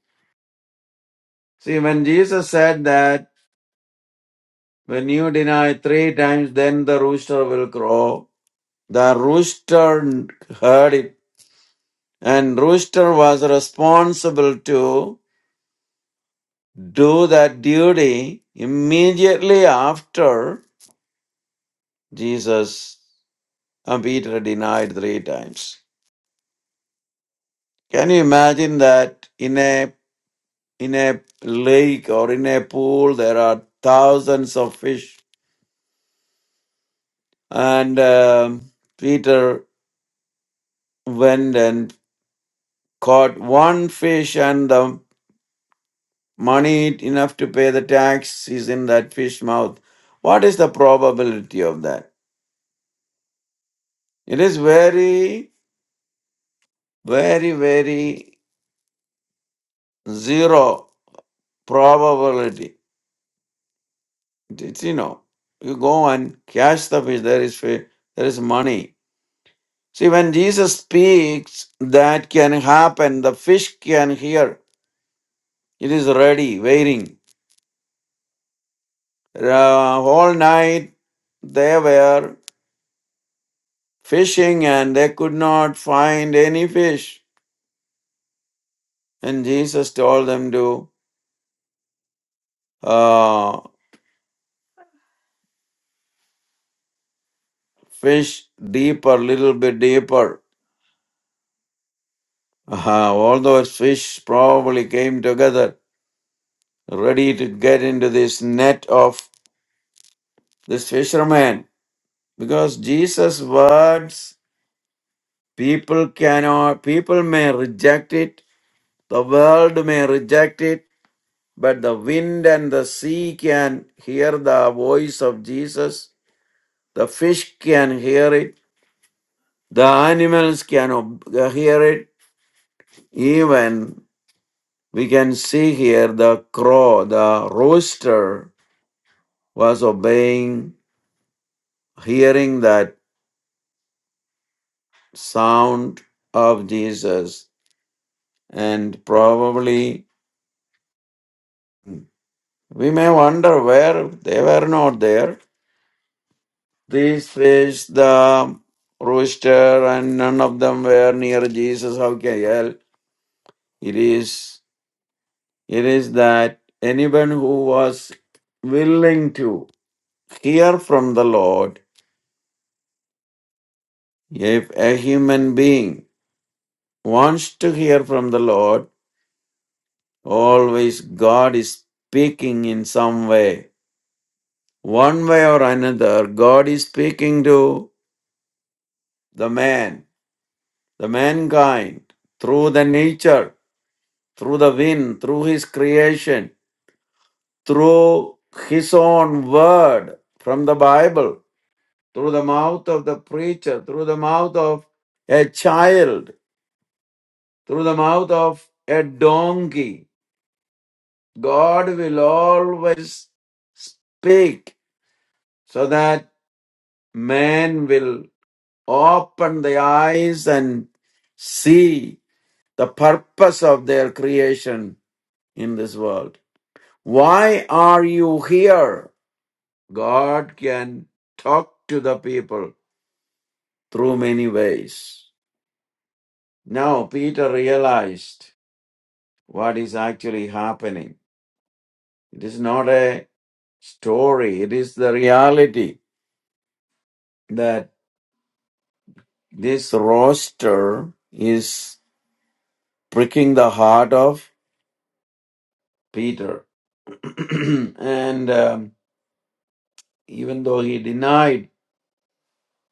[SPEAKER 3] See, when Jesus said that, when you deny three times, then the rooster will crow. The rooster heard it. And rooster was responsible to do that duty immediately after Jesus and Peter denied three times. Can you imagine that in a in a lake or in a pool there are thousands of fish, and um, Peter went and caught one fish, and the money enough to pay the tax is in that fish mouth. What is the probability of that? It is very, very, very zero probability It's, you know, you go and catch the fish, there is fish, there is money. See, when Jesus speaks, that can happen. The fish can hear. It is ready, waiting. Uh, whole night they were fishing and they could not find any fish. And Jesus told them to uh, fish deeper, little bit deeper. Uh, all those fish probably came together, ready to get into this net of this fisherman because jesus words people cannot people may reject it the world may reject it but the wind and the sea can hear the voice of jesus the fish can hear it the animals can ob- uh, hear it even we can see here the crow the rooster was obeying hearing that sound of jesus and probably we may wonder where they were not there. These fish, the rooster, and none of them were near Jesus. How can well, it is it is that anyone who was willing to hear from the Lord, if a human being wants to hear from the Lord, always God is speaking in some way. One way or another, God is speaking to the man, the mankind, through the nature, through the wind, through his creation, through his own word from the Bible, through the mouth of the preacher, through the mouth of a child, through the mouth of a donkey. God will always speak so that man will open the eyes and see the purpose of their creation in this world. Why are you here? God can talk to the people through many ways. Now, Peter realized what is actually happening. It is not a story, it is the reality that this roster is pricking the heart of Peter. and um, even though he denied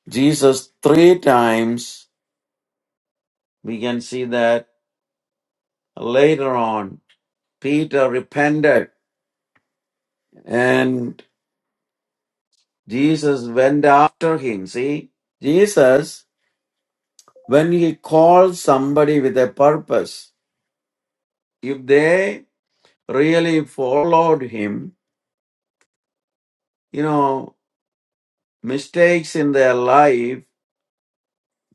[SPEAKER 3] Jesus three times, we can see that Later on, Peter repented and Jesus went after him. See, Jesus, when he calls somebody with a purpose, if they really followed him, you know, mistakes in their life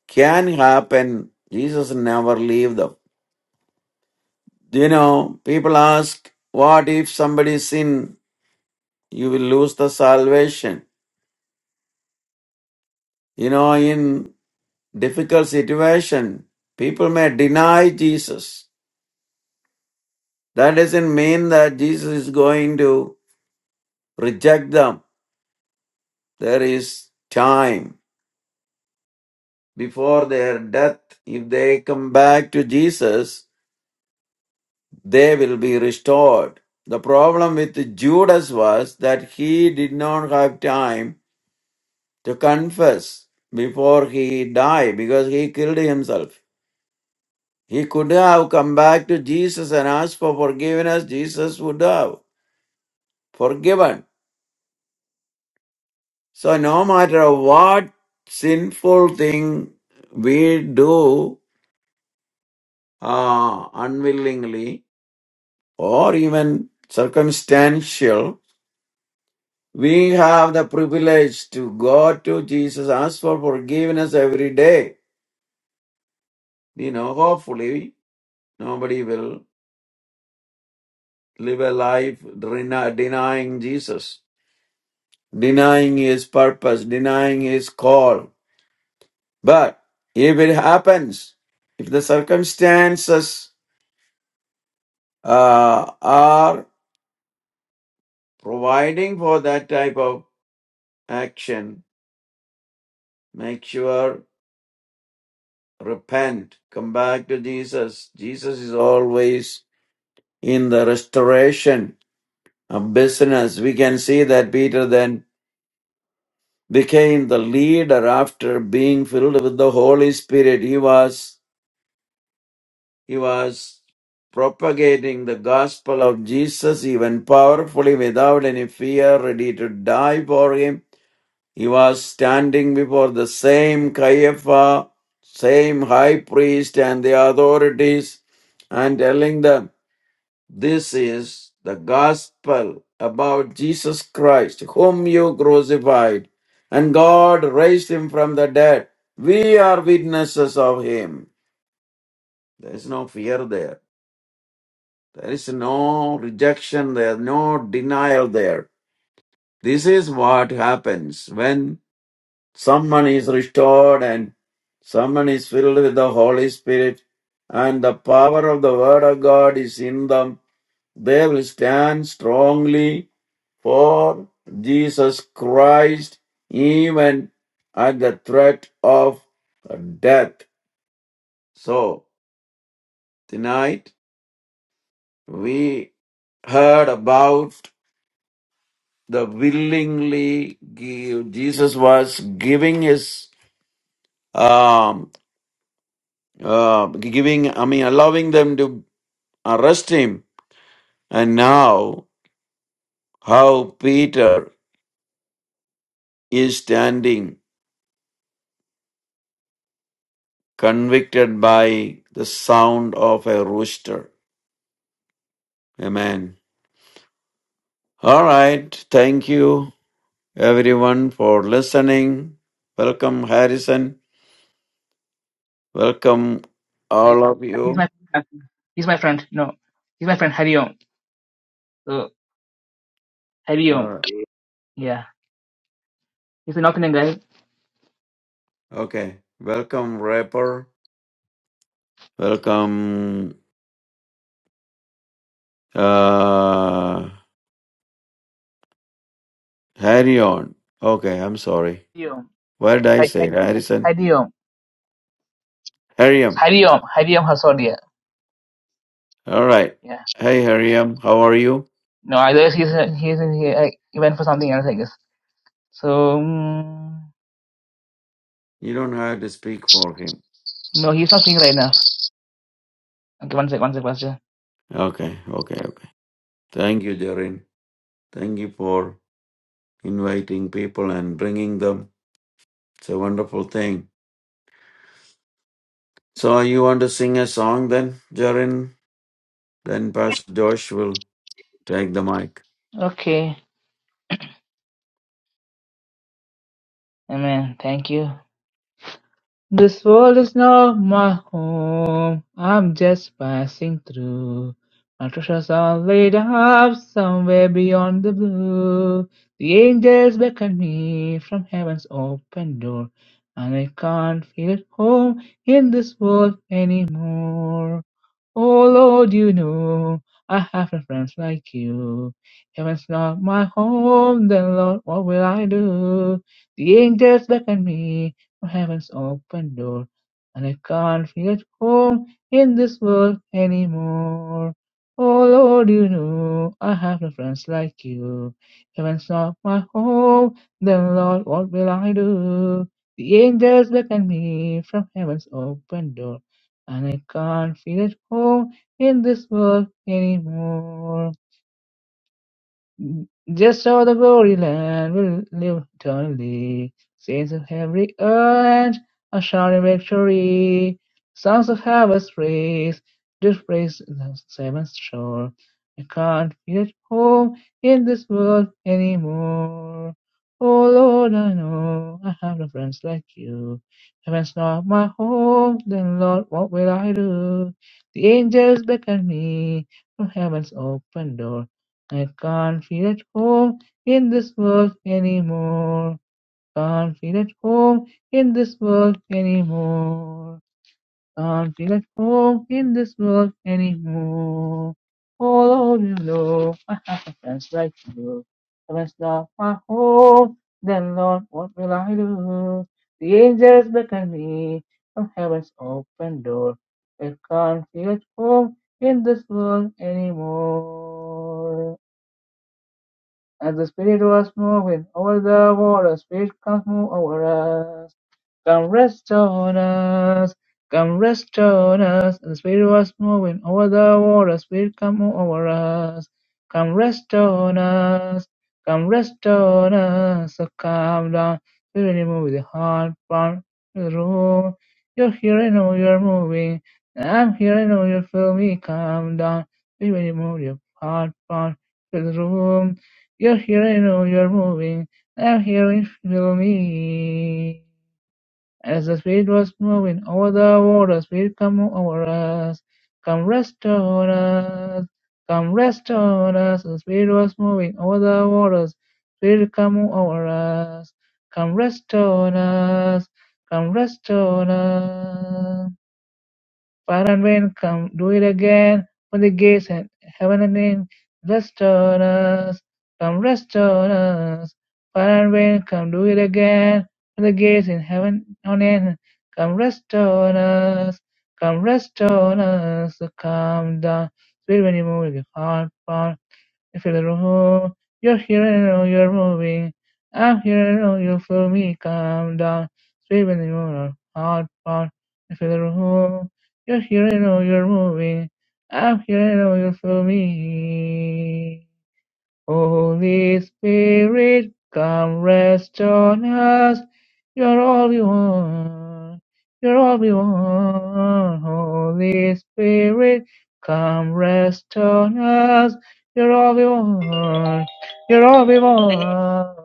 [SPEAKER 3] can happen. Jesus never leave them. You know, people ask, what if somebody sin? You will lose the salvation. You know, in difficult situation, people may deny Jesus. That doesn't mean that Jesus is going to reject them. There is time before their death. If they come back to Jesus, they will be restored. The problem with Judas was that he did not have time to confess before he died because he killed himself. He could have come back to Jesus and asked for forgiveness. Jesus would have. forgiven. So no matter what sinful thing we do uh, unwillingly or even circumstantial, we have the privilege to go to Jesus, ask for forgiveness every day. You know, hopefully nobody will live a life deny- denying Jesus, denying his purpose, denying his call. But if it happens, if the circumstances uh, are providing for that type of action. Make sure, repent, come back to Jesus. Jesus is always in the restoration of business. We can see that Peter then became the leader after being filled with the Holy Spirit. He was, he was propagating the gospel of Jesus even powerfully without any fear, ready to die for him He was standing before the same Caiaphas, same high priest and the authorities and telling them, This is the gospel about Jesus Christ, whom you crucified, and God raised him from the dead. We are witnesses of him. There is no fear there. There is no rejection there, no denial there. This is what happens when Someone is restored and someone is filled with the Holy Spirit and the power of the Word of God is in them. They will stand strongly for Jesus Christ even at the threat of death. So tonight we heard about the willingly give. Jesus was giving his um. uh, giving, I mean, allowing them to arrest him. And now, how Peter is standing convicted by the sound of a rooster. Amen. All right. Thank you, everyone, for listening. Welcome, Harrison. Welcome,
[SPEAKER 1] Hari,
[SPEAKER 3] all of
[SPEAKER 1] he's
[SPEAKER 3] you.
[SPEAKER 1] my he's my friend. No, he's my friend Hariom. So
[SPEAKER 3] All
[SPEAKER 1] Hariom,
[SPEAKER 3] right.
[SPEAKER 1] yeah, he's an North Indian guy.
[SPEAKER 3] Okay. Welcome, rapper. Welcome, uh, Harry on. Okay, I'm sorry.
[SPEAKER 1] Hariom,
[SPEAKER 3] What did I
[SPEAKER 1] Hari-
[SPEAKER 3] say?
[SPEAKER 1] Hari-
[SPEAKER 3] Harrison?
[SPEAKER 1] Hariom,
[SPEAKER 3] Hariam.
[SPEAKER 1] Hariom, Hariom Hasodia.
[SPEAKER 3] All right.
[SPEAKER 1] Yeah,
[SPEAKER 3] Hey, Hariam. How are you?
[SPEAKER 1] no, otherwise he's he's in here. I, he went for something else, I guess. So mm
[SPEAKER 3] You don't have to speak for him.
[SPEAKER 1] no, he's not seeing right now. Okay, one sec, one sec, Pastor.
[SPEAKER 3] Okay. Okay. okay. Thank you, Jarin. Thank you for inviting people and bringing them. It's a wonderful thing. So, you want to sing a song then, Jarin? Then Pastor Josh will take the mic.
[SPEAKER 1] Okay, Amen. Thank you. This world is not my home. I'm just passing through. My treasures are laid up somewhere beyond the blue. The angels beckon me from heaven's open door, and I can't feel at home in this world anymore. Oh Lord, you know I have no friends like you. Heaven's not my home, then Lord, what will I do? The angels beckon me from heaven's open door, and I can't feel at home in this world anymore. Oh Lord, you know I have no friends like you. Heaven's not my home, then Lord, what will I do? The angels beckon me from heaven's open door and I can't feel at home in this world anymore. Just so the glory Land will live eternally. Saints of every age are shouting victory. Songs of harvest praise, just praise the seventh shore. I can't feel at home in this world anymore. Oh Lord, I know I have no friends like you. Heaven's not my home, then Lord, what will I do? The angels beckon me from heaven's open door. I can't feel at home in this world anymore. Can't feel at home in this world anymore. Can't feel at home in this world anymore. All over the globe, I have a friends like you. If I stop my home, then Lord, what will I do? The angels beckon me from heaven's open door. I can't feel at home in this world anymore. As the Spirit was moving over the water, Spirit, come move over us. Come rest on us. Come rest on us. And the Spirit was moving over the water. Spirit, come move over us. Come rest on us. Come rest on us. So come down. Spirit, move with your heart from the room. You're here, I know you're moving. I'm here, I know you feel me. Come down. Spirit, move your heart from the room. You're here, I know you're moving. I'm here, it feel me. As the spirit was moving over the water, spirit come over us. Come rest on us. Come rest on us. The spirit was moving over the waters. Spirit come over us. Come rest on us. Come rest on us. Fire and wind, come do it again. When the gates and heaven and in, rest on us, come rest on us. Fire and wind, come do it again. When the gates in heaven on in, come rest on us, come rest on us. So come down, sweet when you move your heart, I feel the roar. You're here and now you're moving. I'm here and now you feel me. Calm down. Sweep in your heart part. I feel the roar. You're here and now you're moving. I'm here and now you feel me. Holy Spirit, come rest on us. You're all we want. You're all we want. Holy Spirit, come rest on us. You're all we want. You're all we want.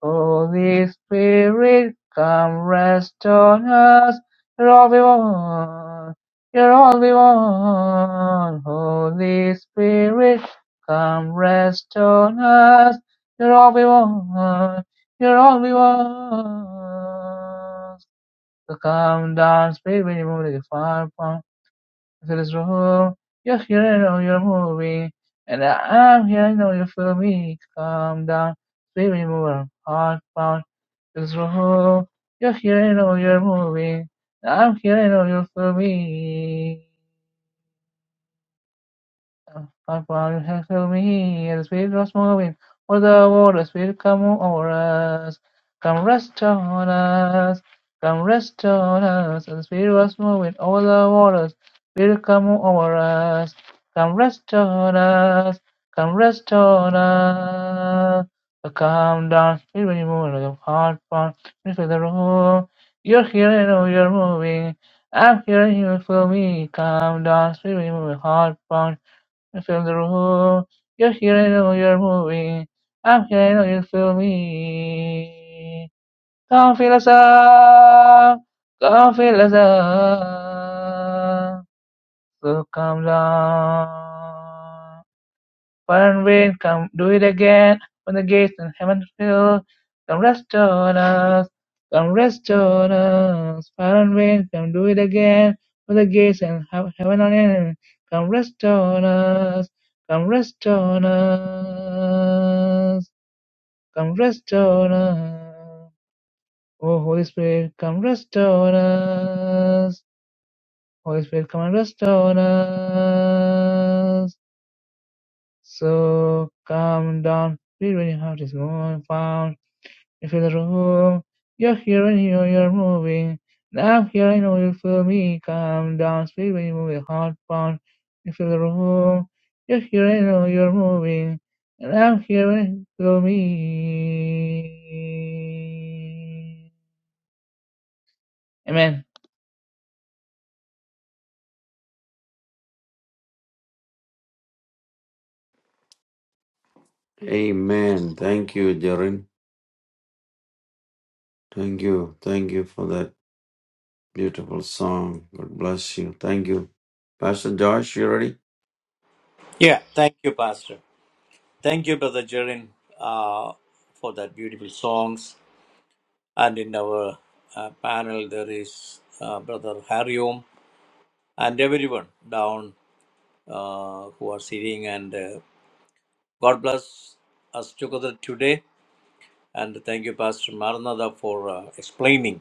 [SPEAKER 1] Holy Spirit, come rest on us. You're all we want. You're all we want. Holy Spirit. Come rest on us, you're all we want, you're all we want. So come down, speak when you move like a fire pump into this room. You're here, I know you're moving, and I'm here, I know you feel me. Come down, speak when you move like a fire pump into this room. You're here, I know you're moving, and I'm here, I know you feel me. All power belongs to me. The Spirit was moving over the water. Spirit, come over us. Come rest on us. Come rest on us. The Spirit was moving over the waters. Spirit, come over us. Come rest on us. Come rest on us. So come down, spirit, when you move like a heart pound, into the room. You're here and oh, you're moving. I'm here and you feel me. Come down, spirit, when you move like a heart pound. You feel the room. You're here, I know you're moving. I'm here, I know you feel me. Come feel us up. Come feel us up. So come down. Burn wind, come do it again. When the gates in heaven fill, come rest on us. Come rest on us. Burn wind, come do it again. When the gates in hea- heaven on end, come rest on us. Come rest on us. Come rest on us. Oh, Holy Spirit, come rest on us. Holy Spirit, come and rest on us. So come down, feel when your heart is moving, found, you feel the room. You're here and you know you're moving. Now I'm here, I know you feel me. Come down, feel when you move your heart, pound, you feel the room. You're here, I know you're moving. And I'm here and you feel me. Amen.
[SPEAKER 3] Amen. Thank you, Jarin. Thank you. Thank you for that beautiful song. God bless you. Thank you. Pastor Josh, you ready?
[SPEAKER 2] Yeah, thank you, Pastor. Thank you, Brother Jerin, uh, for that beautiful songs. And in our uh, panel, there is uh, Brother Hariom and everyone down uh, who are sitting. And uh, God bless us together today. And thank you, Pastor Maranatha, for uh, explaining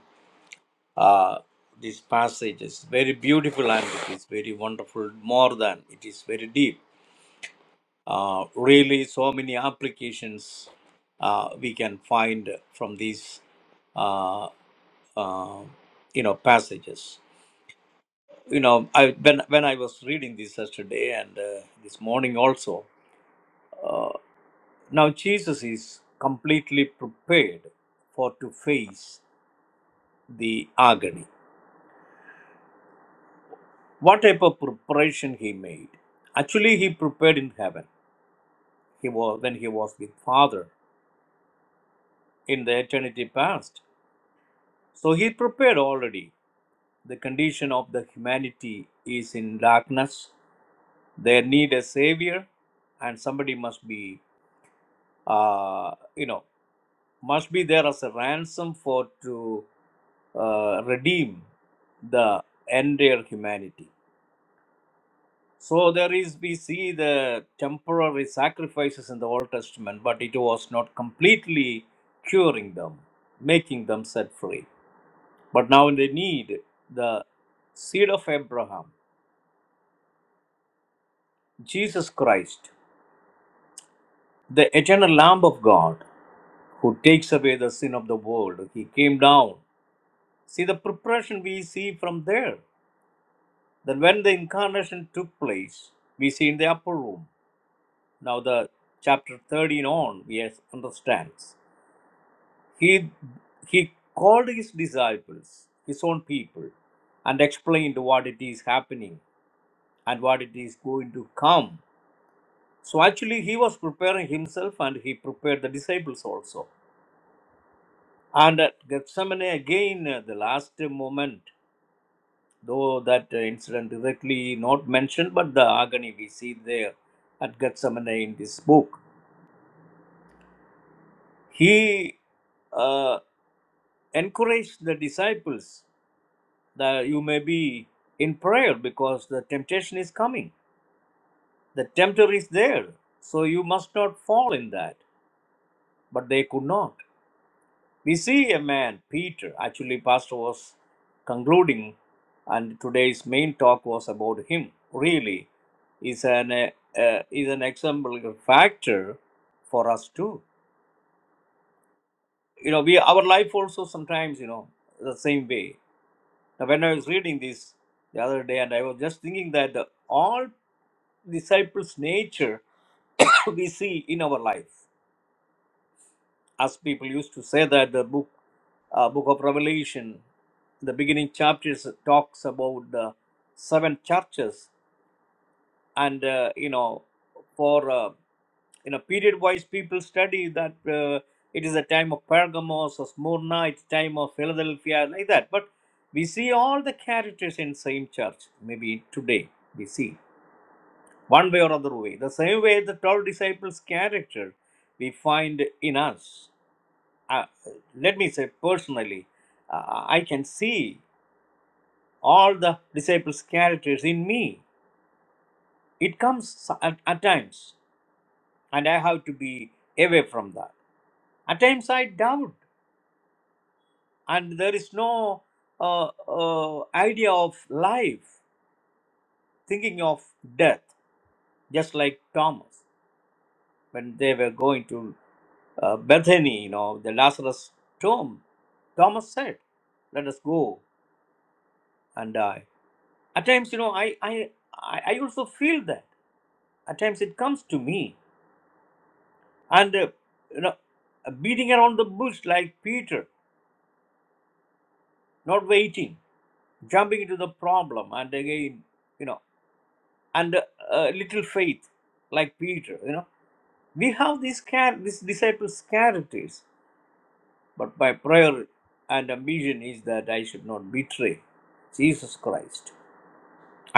[SPEAKER 2] uh, this passage. very beautiful and it is very wonderful, more than it is very deep. Uh, really, so many applications uh, we can find from these, uh, uh, you know, passages. You know, I when when I was reading this yesterday and uh, this morning also. Uh, now Jesus is completely prepared for to face the agony. What type of preparation he made? Actually, he prepared in heaven. He was when he was with Father in the eternity past. So he prepared already The condition of the humanity is in darkness. They need a savior, and somebody must be, uh, you know, must be there as a ransom for to uh, redeem the entire humanity. So there is, we see the temporary sacrifices in the Old Testament, but it was not completely curing them, making them set free. But now they need the seed of Abraham Jesus Christ, the eternal Lamb of God, who takes away the sin of the world, he came down. See the preparation we see from there. Then, when the incarnation took place, we see in the upper room. Now, the chapter 13 on, we yes, understands. He, he called his disciples, his own people, and explained what it is happening and what it is going to come. So, actually, he was preparing himself and he prepared the disciples also And at Gethsemane, again, uh, the last moment, though that uh, incident directly not mentioned, but the agony we see there at Gethsemane in this book, he uh, encouraged the disciples that you may be in prayer because the temptation is coming. The tempter is there, so you must not fall in that. But they could not. We see a man, Peter, actually, Pastor was concluding, and today's main talk was about him. Really, is an uh, uh, is an example a factor for us too. You know, we our life also sometimes you know the same way. Now, when I was reading this the other day, and I was just thinking that the, all disciples' nature we see in our life. As people used to say that the book, uh, book of Revelation, the beginning chapters talks about the seven churches, and uh, you know, for uh, you know period-wise, people study that uh, it is a time of Pergamos or Smyrna, it's time of Philadelphia, like that. But we see all the characters in same church. Maybe today we see one way or other way. The same way the twelve disciples' character we find in us uh, let me say personally, uh, I can see all the disciples' characters in me. It comes at, at times, and I have to be away from that. At times, I doubt, and there is no uh, uh, idea of life, thinking of death, just like Thomas when they were going to uh, Bethany, you know, the Lazarus tomb. Thomas said, "Let us go and die." at times you know i i i I also feel that at times it comes to me and uh, you know uh, beating around the bush like peter not waiting jumping into the problem and again you know and uh, uh, little faith like peter you know we have these char- these disciples characters but my prayer and ambition is that i should not betray jesus christ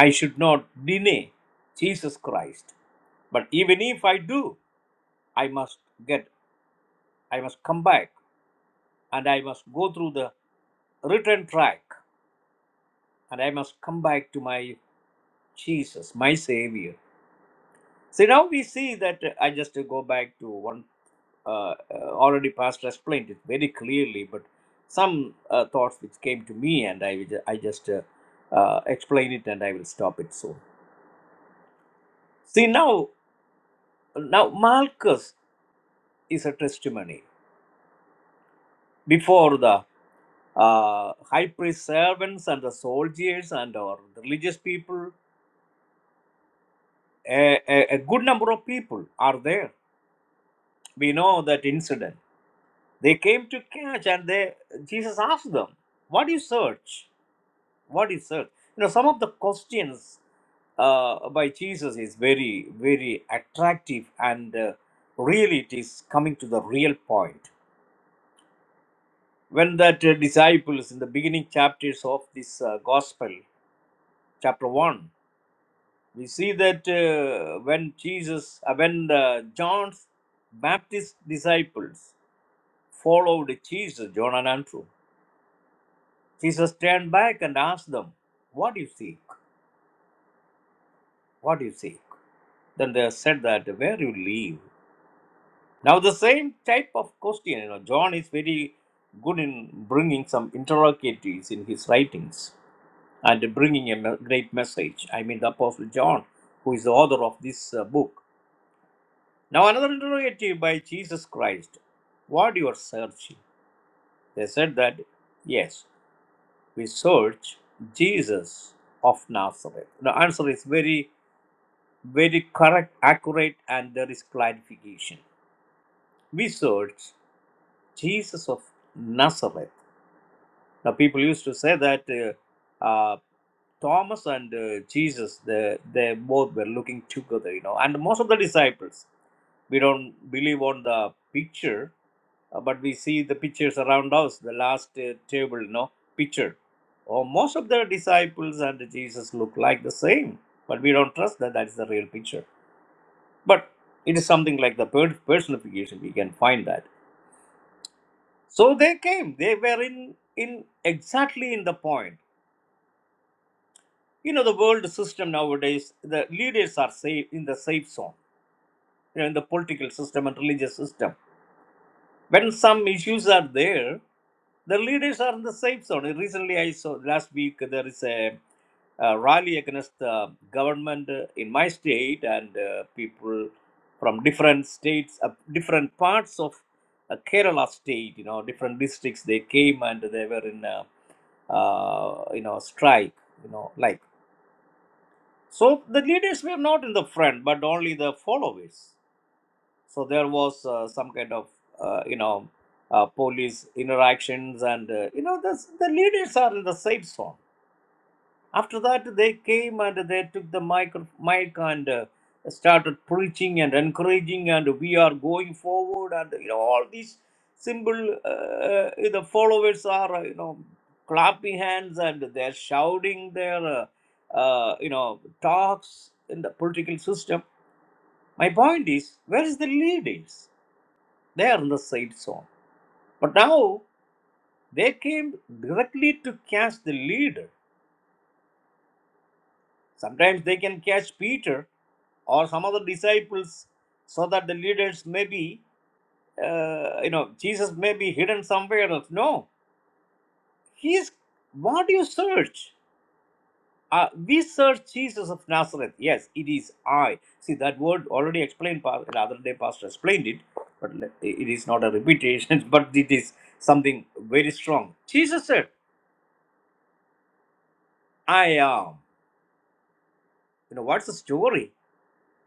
[SPEAKER 2] i should not deny jesus christ but even if i do I must get, I must come back and I must go through the return track and I must come back to my Jesus, my Savior. See, now we see that uh, I just uh, go back to one uh, uh, already Pastor explained it very clearly, but some uh, thoughts which came to me and I, will- ju- I just uh, uh, explain it and I will stop it soon. See, now, now Malchus is a testimony before the uh, high priest servants and the soldiers and our religious people. A, a, a good number of people are there. We know that incident. They came to catch, and they Jesus asked them, "What do you search? What do you search?" You know, some of the questions uh, by Jesus is very, very attractive, and uh, really it is coming to the real point. When that uh, disciples in the beginning chapters of this uh, gospel, chapter 1 we see that uh, when jesus uh, when the john's baptist disciples followed jesus john and andrew jesus turned back and asked them what do you seek what do you seek then they said that where do you live now the same type of question you know john is very good in bringing some interrogatives in his writings and bringing a me- great message i mean the apostle john who is the author of this uh, book Now another interrogative by Jesus Christ. What you are searching? They said that, yes, we search Jesus of Nazareth. The answer is very, very correct, accurate, and there is clarification. We search Jesus of Nazareth. Now people used to say that uh, uh, Thomas and uh, Jesus, they, they both were looking together, you know, and most of the disciples. we don't believe on the picture uh, but we see the pictures around us the last uh, table no picture or most of the disciples and jesus look like the same but we don't trust that that is the real picture but it is something like the per- personification we can find that so they came they were in in exactly in the point you know the world system nowadays the leaders are safe in the safe zone you know, in the political system and religious system When some issues are there, the leaders are in the safe zone. Recently, I saw last week there is a, uh rally against the government uh, in my state, and uh, people from different states, uh, different parts of uh, Kerala state, you know, different districts, they came and they were in, uh, uh, you know, strike, you know, like. So the leaders were not in the front, but only the followers so there was uh, some kind of uh, you know uh, police interactions and uh, you know the, the leaders are in the safe zone after that they came and they took the mic, mic and uh, started preaching and encouraging and we are going forward and you know all these simple uh, the followers are uh, you know clapping hands and they're shouting their uh, uh, you know talks in the political system my point is where is the leaders they are in the safe zone. But now they came directly to catch the leader. Sometimes they can catch Peter or some other disciples so that the leaders may be, uh, you know, Jesus may be hidden somewhere else. No. He is, what do you search? Uh, we search Jesus of Nazareth. Yes, it is I. See, that word already explained, Pa- the other day, Pastor explained it, but le- it is not a repetition, but it is something very strong. Jesus said, I am. You know, what's the story?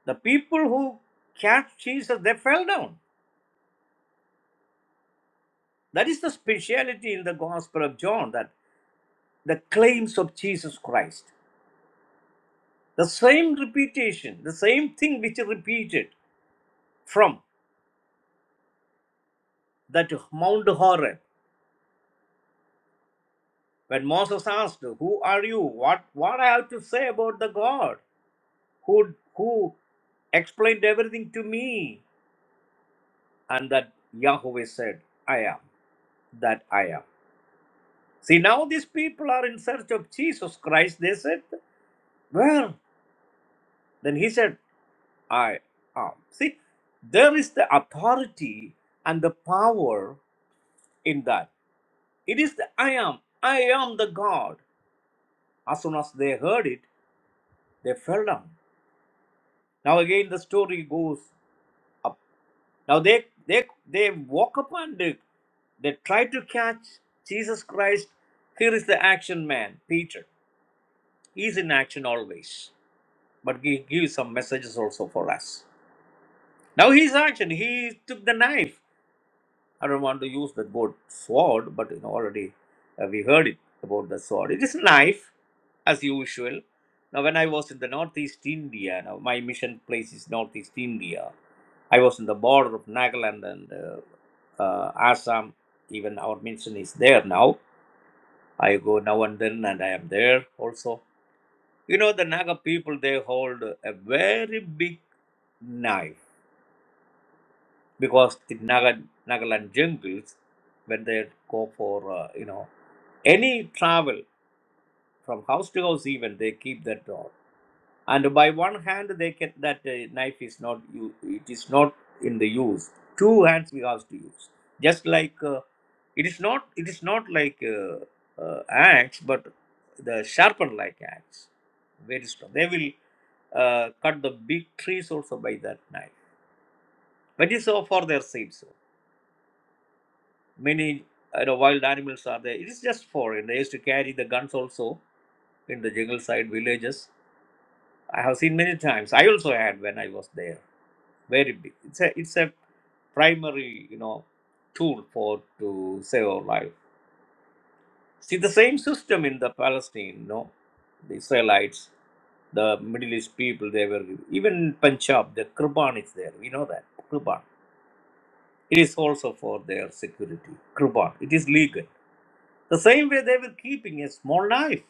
[SPEAKER 2] The people who catch Jesus, they fell down. That is the speciality in the Gospel of John that the claims of Jesus Christ, the same repetition, the same thing which he repeated from that Mount Horeb. When Moses asked, Who are you? What what I have to say about the God who who explained everything to me? And that Yahweh said, I am that I am. See, now these people are in search of Jesus Christ, they said. "Where?" then he said, I am. See, there is the authority and the power in that. It is the I am. I am the God. As soon as they heard it, they fell down. Now again the story goes up. Now they they they walk up and they, they try to catch Jesus Christ. Here is the action man, Peter. He's in action always but he gives some messages also for us. Now his action, he took the knife. I don't want to use the word sword, but you know, already uh, we heard it about the sword. It is a knife, as usual. Now, when I was in the Northeast India, now my mission place is Northeast India. I was in the border of Nagaland and uh, uh, Assam. Even our mission is there now. I go now and then, and I am there also. You know, the Naga people they hold a very big knife because the Naga, Nagaland jungles, when they go for, uh, you know, any travel from house to house even, they keep that rod. And by one hand, they can, that uh, knife is not, u- it is not in the use. Two hands we have to use. Just like, uh, it is not, it is not like uh, uh, axe, but the sharpened like axe. Very strong. They will uh, cut the big trees also by that knife. But it is so for their sins. Many you know, wild animals are there. It is just foreign. They used to carry the guns also in the jungle side villages. I have seen many times. I also had when I was there. Very big. It's a it's a primary you know tool for to save our life. See the same system in the Palestine. You know, the Israelites, the Middle East people. They were even in Punjab. The Kurban is there. We know that Kurban. It is also for their security. Kurban. It is legal. The same way they were keeping a small knife.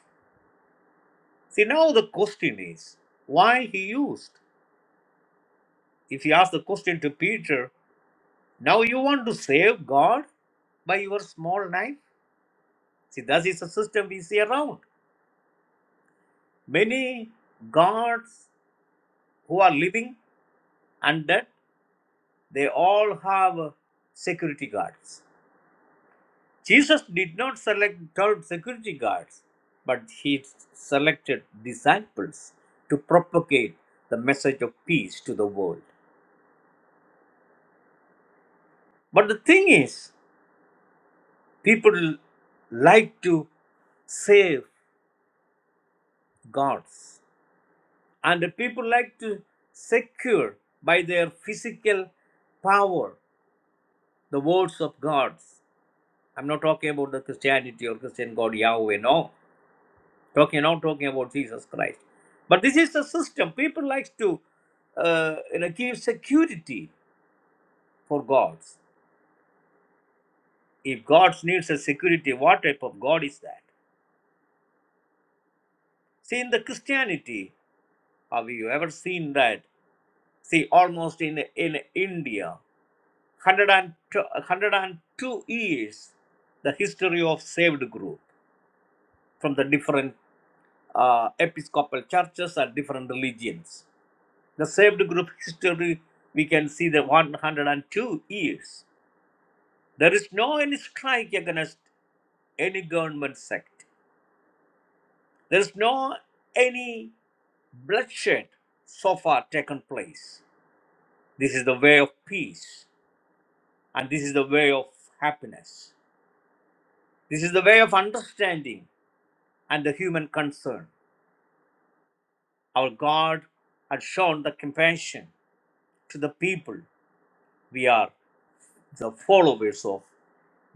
[SPEAKER 2] See, now the question is why he used. If you ask the question to Peter, now you want to save God by your small knife? See, that is the system we see around. Many gods who are living and dead, they all have security guards. Jesus did not select third security guards, but he selected disciples to propagate the message of peace to the world. But the thing is, people like to save gods, and people like to secure by their physical power the words of gods. I'm not talking about the Christianity or Christian God Yahweh, no. Talking not talking about Jesus Christ. But this is the system. People like to uh, you know, give security for gods. If gods needs a security, what type of God is that? See, in the Christianity, Have you ever seen that? See, almost in in India, 102, 102 years, the history of saved group from the different uh, episcopal churches and different religions. The saved group history, we can see the 102 years. There is no any strike against any government sect. There is no any bloodshed so far taken place. This is the way of peace. And this is the way of happiness. This is the way of understanding and the human concern. Our God has shown the compassion to the people. We are the followers of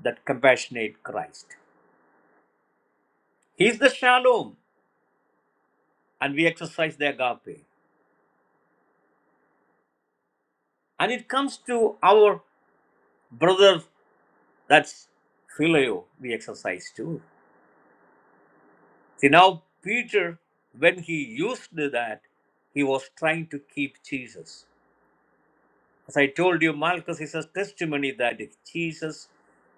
[SPEAKER 2] that compassionate Christ. He is the shalom, and we exercise the agape. And it comes to our brother, that's phileo, we exercise too. See, now Peter, when he used that, he was trying to keep Jesus. As I told you, Malchus is a testimony that Jesus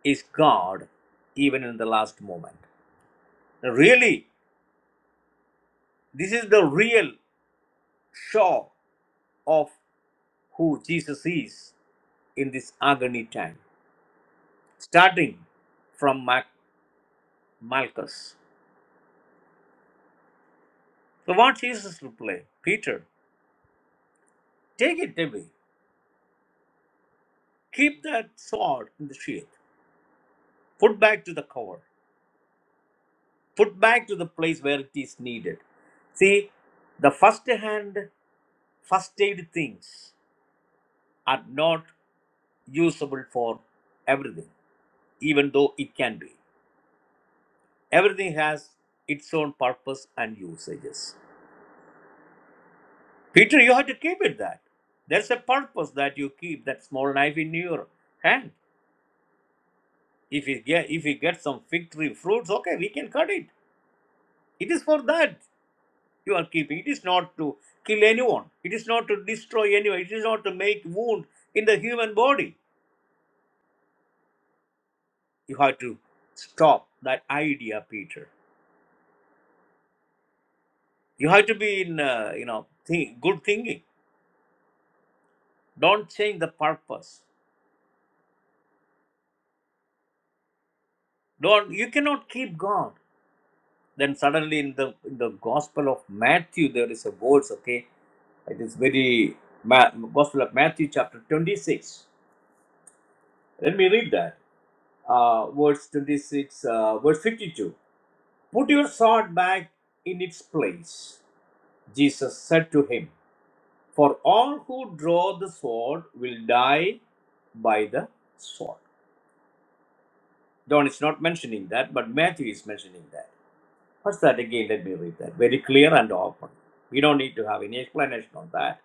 [SPEAKER 2] is God even in the last moment. Really, this is the real show of who Jesus is in this agony time, starting from Ma- Malchus. So, what Jesus replied, Peter, take it away. Keep that sword in the sheath. Put back to the cover. Put back to the place where it is needed. See, the first hand First aid things are not usable for everything, even though it can be. Everything has its own purpose and usages. Peter, you have to keep it that. There's a purpose that you keep that small knife in your hand. If you get if you get some fig tree fruits, okay, we can cut it. It is for that you are keeping. It is not to kill anyone. It is not to destroy anyone. It is not to make wound in the human body. You have to stop that idea, Peter. You have to be in, uh, you know, think, good thinking. Don't change the purpose. Don't. You cannot keep God. Then suddenly in the in the Gospel of Matthew there is a verse. Okay, it is very Ma- Gospel of Matthew chapter twenty six. Let me read that. Uh, verse twenty six, uh, verse fifty two. Put your sword back in its place. Jesus said to him, For all who draw the sword will die by the sword. John is not mentioning that, but Matthew is mentioning that. What's that again? Let me read that. Very clear and open. We don't need to have any explanation on that.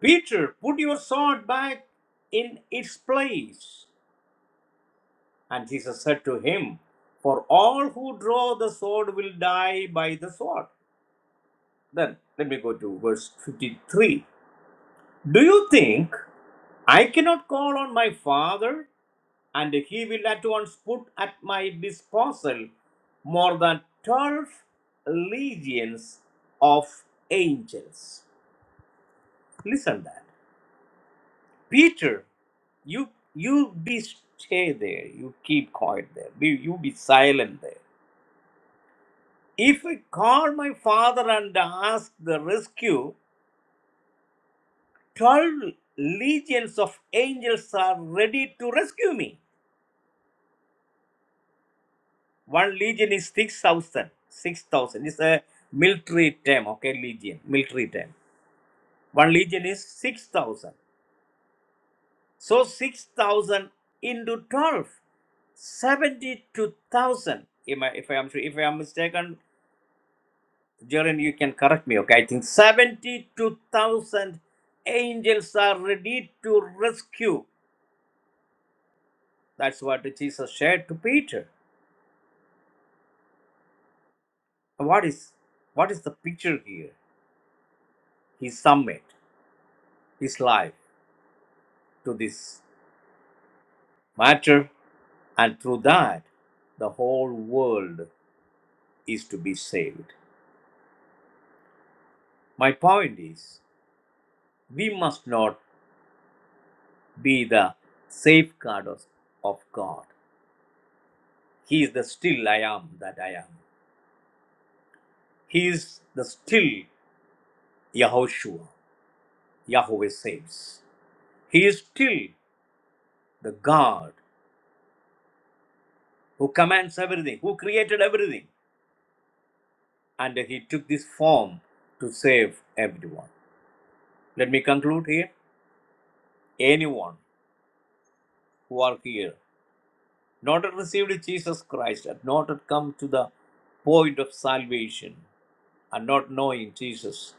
[SPEAKER 2] Peter, put your sword back in its place. And Jesus said to him, For all who draw the sword will die by the sword. Then let me go to verse 53. Do you think I cannot call on my Father and he will at once put at my disposal more than 12 legions of angels listen that peter you you be stay there you keep quiet there be, you be silent there if i call my father and ask the rescue 12 legions of angels are ready to rescue me One legion is 6,000. 6,000 is a military term, okay? Legion, military term. One legion is 6,000. So 6,000 into twelve, seventy-two thousand. 72,000. Am I- If I am if I am mistaken, Jaren, you can correct me, okay? I think 72,000 angels are ready to rescue. That's what Jesus said to Peter. What is what is the picture here? He submit his life to this. matter, and through that, the whole world is to be saved. My point is, we must not be the safeguard of, of God. He is the still I am that I am. He is the still Yahoshua, Yahweh saves. He is still the God who commands everything, who created everything, and he took this form to save everyone. Let me conclude here. Anyone who are here not had received Jesus Christ, had not had come to the point of salvation, and not knowing Jesus,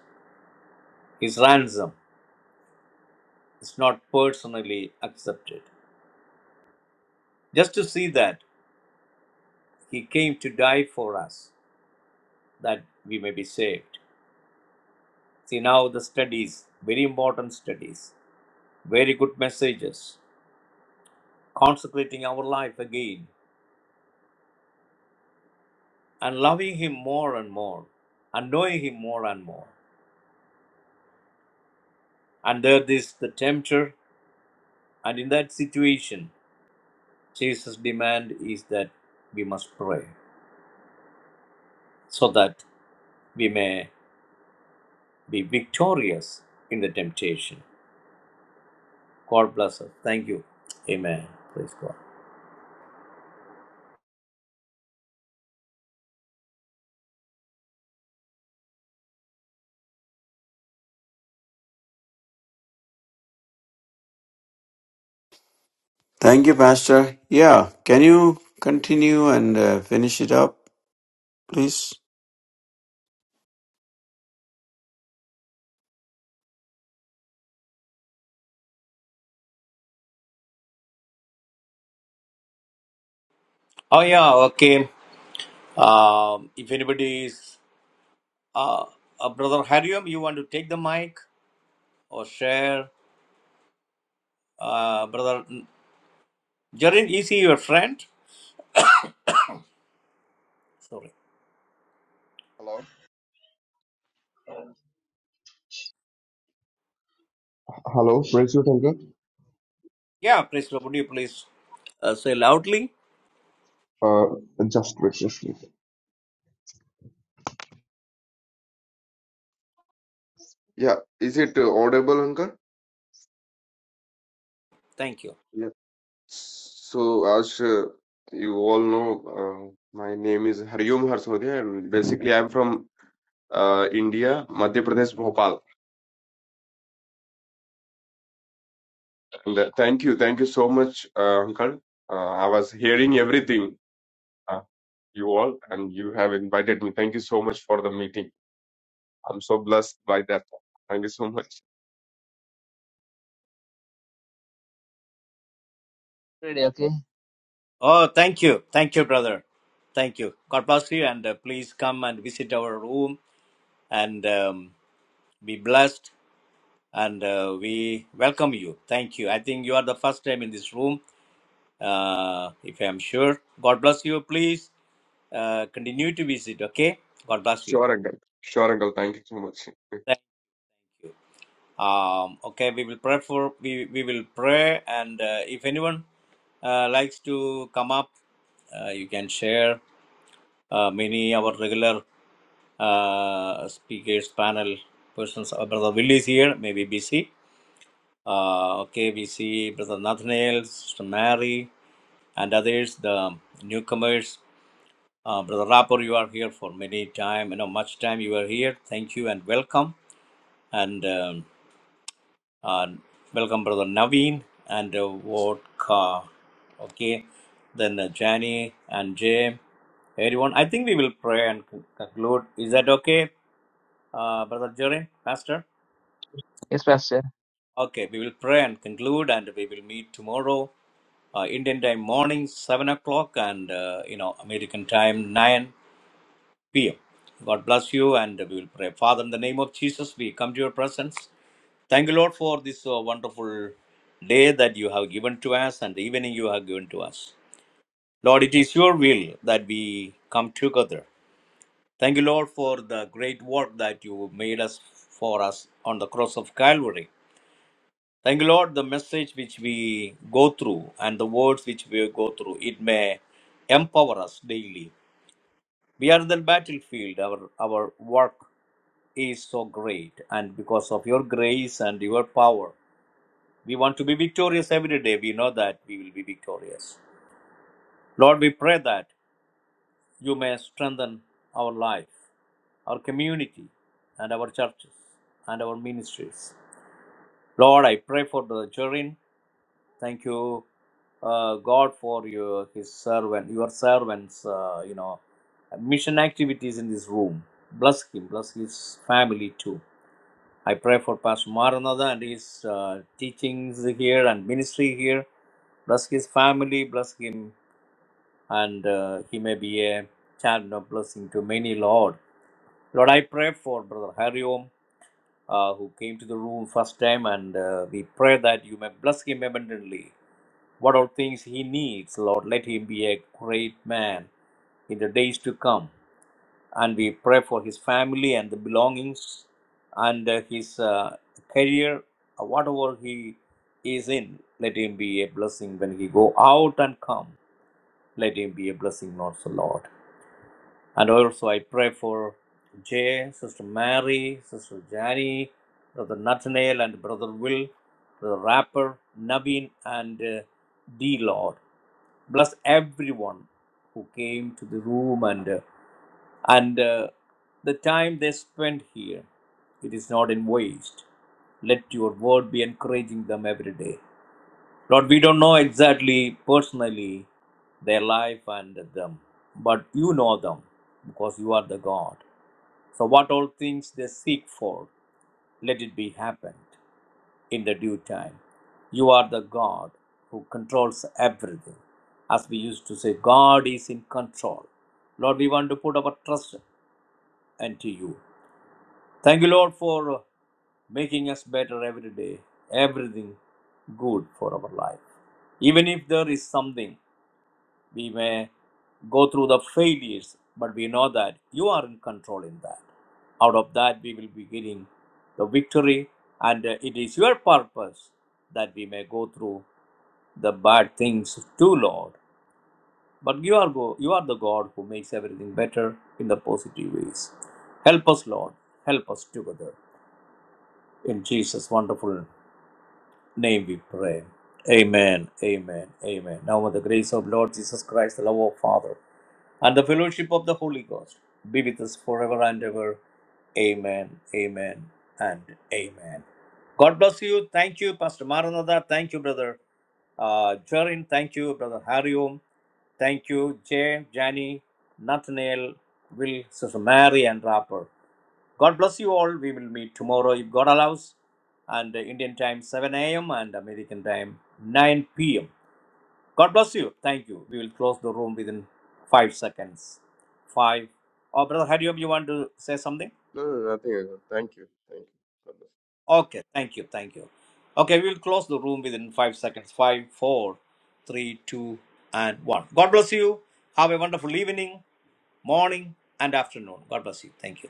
[SPEAKER 2] his ransom is not personally accepted. Just to see that he came to die for us, that we may be saved. See now the studies, very important studies, very good messages, consecrating our life again, and loving him more and more, and knowing him more and more. And there is the tempter, and in that situation. Jesus' demand is that we must pray so that we may be victorious in the temptation. God bless us. Thank you. Amen. Praise God.
[SPEAKER 3] Thank you, Pastor. Yeah, can you continue and uh, finish it up, please?
[SPEAKER 2] Oh, yeah. Okay. Um, if anybody is, uh, uh, Brother Harium, you want to take the mic or share? Uh, Brother Jarin, is he your friend? Sorry.
[SPEAKER 4] Hello. Hello, praise you, Uncle.
[SPEAKER 2] Yeah, please, Lord, would you please uh, say loudly?
[SPEAKER 4] Uh, just refreshing. Yeah, is it uh, audible, Uncle?
[SPEAKER 2] Thank you.
[SPEAKER 4] Yeah. So, as uh, you all know, uh, my name is Hariom Harsodia, and basically, I'm from uh, India, Madhya Pradesh, Bhopal. And uh, thank you, thank you so much, uh, Uncle. Uh, I was hearing everything, uh, you all, and you have invited me. Thank you so much for the meeting. I'm so blessed by that. Thank you so much.
[SPEAKER 1] Really, okay?
[SPEAKER 2] Oh, thank you. Thank you, brother. Thank you. God bless you. And uh, please come and visit our room and um, be blessed. And uh, we welcome you. Thank you. I think you are the first time in this room, uh, if I'm sure. God bless you. Please uh, continue to visit, okay? God bless you.
[SPEAKER 4] Sure, Uncle. Sure, Uncle. Thank you so much.
[SPEAKER 2] Thank- Um, okay, we will pray for, we, we will pray. And uh, if anyone uh, likes to come up, uh, you can share uh, many our regular Uh, speakers panel persons, uh, Brother Willie is here, maybe busy. Uh, okay, we see Brother Nathaniel, Sister Mary, and others, the newcomers. Uh, Brother Rapport, you are here for many time, you know, much time you are here. Thank you and welcome. And um, uh, welcome, Brother Naveen and uh, Vodka. Okay, then uh, Jani and Jay, everyone. I think we will pray and conclude. Is that okay, uh, Brother Jerry, Pastor?
[SPEAKER 1] Yes, Pastor.
[SPEAKER 2] Okay, we will pray and conclude, and we will meet tomorrow, uh, Indian time morning, 7 o'clock, and uh, you know, American time, 9 p.m. God bless you, and we will pray. Father, in the name of Jesus, we come to your presence. Thank you, Lord, for this uh, wonderful day that you have given to us and the evening you have given to us. Lord, it is your will that we come together. Thank you, Lord, for the great work that you made us for us on the cross of Calvary. Thank you, Lord, the message which we go through and the words which we go through, it may empower us daily. We are in the battlefield, our, our work is so great, and because of your grace and your power, we want to be victorious every day. We know that we will be victorious. Lord, we pray that you may strengthen our life, our community, and our churches and our ministries. Lord, I pray for the children Thank you, uh, God, for your His servant, your servants, uh, you know, mission activities in this room. Bless him, bless his family too. I pray for Pastor Maranatha and his uh, teachings here and ministry here. Bless his family, bless him, and uh, he may be a channel of blessing to many, Lord. Lord, I pray for Brother Hariom, uh, who came to the room first time, and uh, we pray that you may bless him abundantly what all things he needs, Lord. Let him be a great man in the days to come. And we pray for his family and the belongings and uh, his uh, career, uh, whatever he is in. Let him be a blessing when he go out and come. Let him be a blessing, Lord, so Lord. And also, I pray for Jay, Sister Mary, Sister Jani, Brother Nathaniel, and Brother Will, Brother Rapper, Naveen, and uh, D Lord. Bless everyone who came to the room and uh, and uh, the time they spent here. It is not in waste. Let your word be encouraging them every day. Lord, we don't know exactly personally their life and them, but you know them because you are the God. So, what all things they seek for, let it be happened in the due time. You are the God who controls everything. As we used to say, God is in control. Lord, we want to put our trust into you. Thank you, Lord, for making us better every day, everything good for our life. Even if there is something, we may go through the failures, but we know that you are in control in that. Out of that, we will be getting the victory, and uh, it is your purpose that we may go through the bad things too, Lord. But you are, go- you are the God who makes everything better in the positive ways. Help us, Lord. Help us together. In Jesus' wonderful name we pray. Amen, amen, amen. Now may the grace of Lord Jesus Christ, the love of Father, and the fellowship of the Holy Ghost be with us forever and ever. Amen, amen, and amen. God bless you. Thank you, Pastor Maranatha. Thank you, Brother uh, Jarin. Thank you, Brother Harium. Thank you, Jay, Jani, Nathaniel, Will, Sister Mary, and Rapper. God bless you all. We will meet tomorrow if God allows, and uh, Indian time 7 a.m. and American time 9 p.m. God bless you. Thank you. We will close the room within five seconds. Five. Oh, Brother Hariom, you want to say something?
[SPEAKER 4] No, no, nothing. at all. Thank you. Thank you. God bless.
[SPEAKER 2] Okay. Thank you. Thank you. Okay, we will close the room within five seconds. Five, four, three, two, and one. God bless you. Have a wonderful evening, morning, and afternoon. God bless you. Thank you.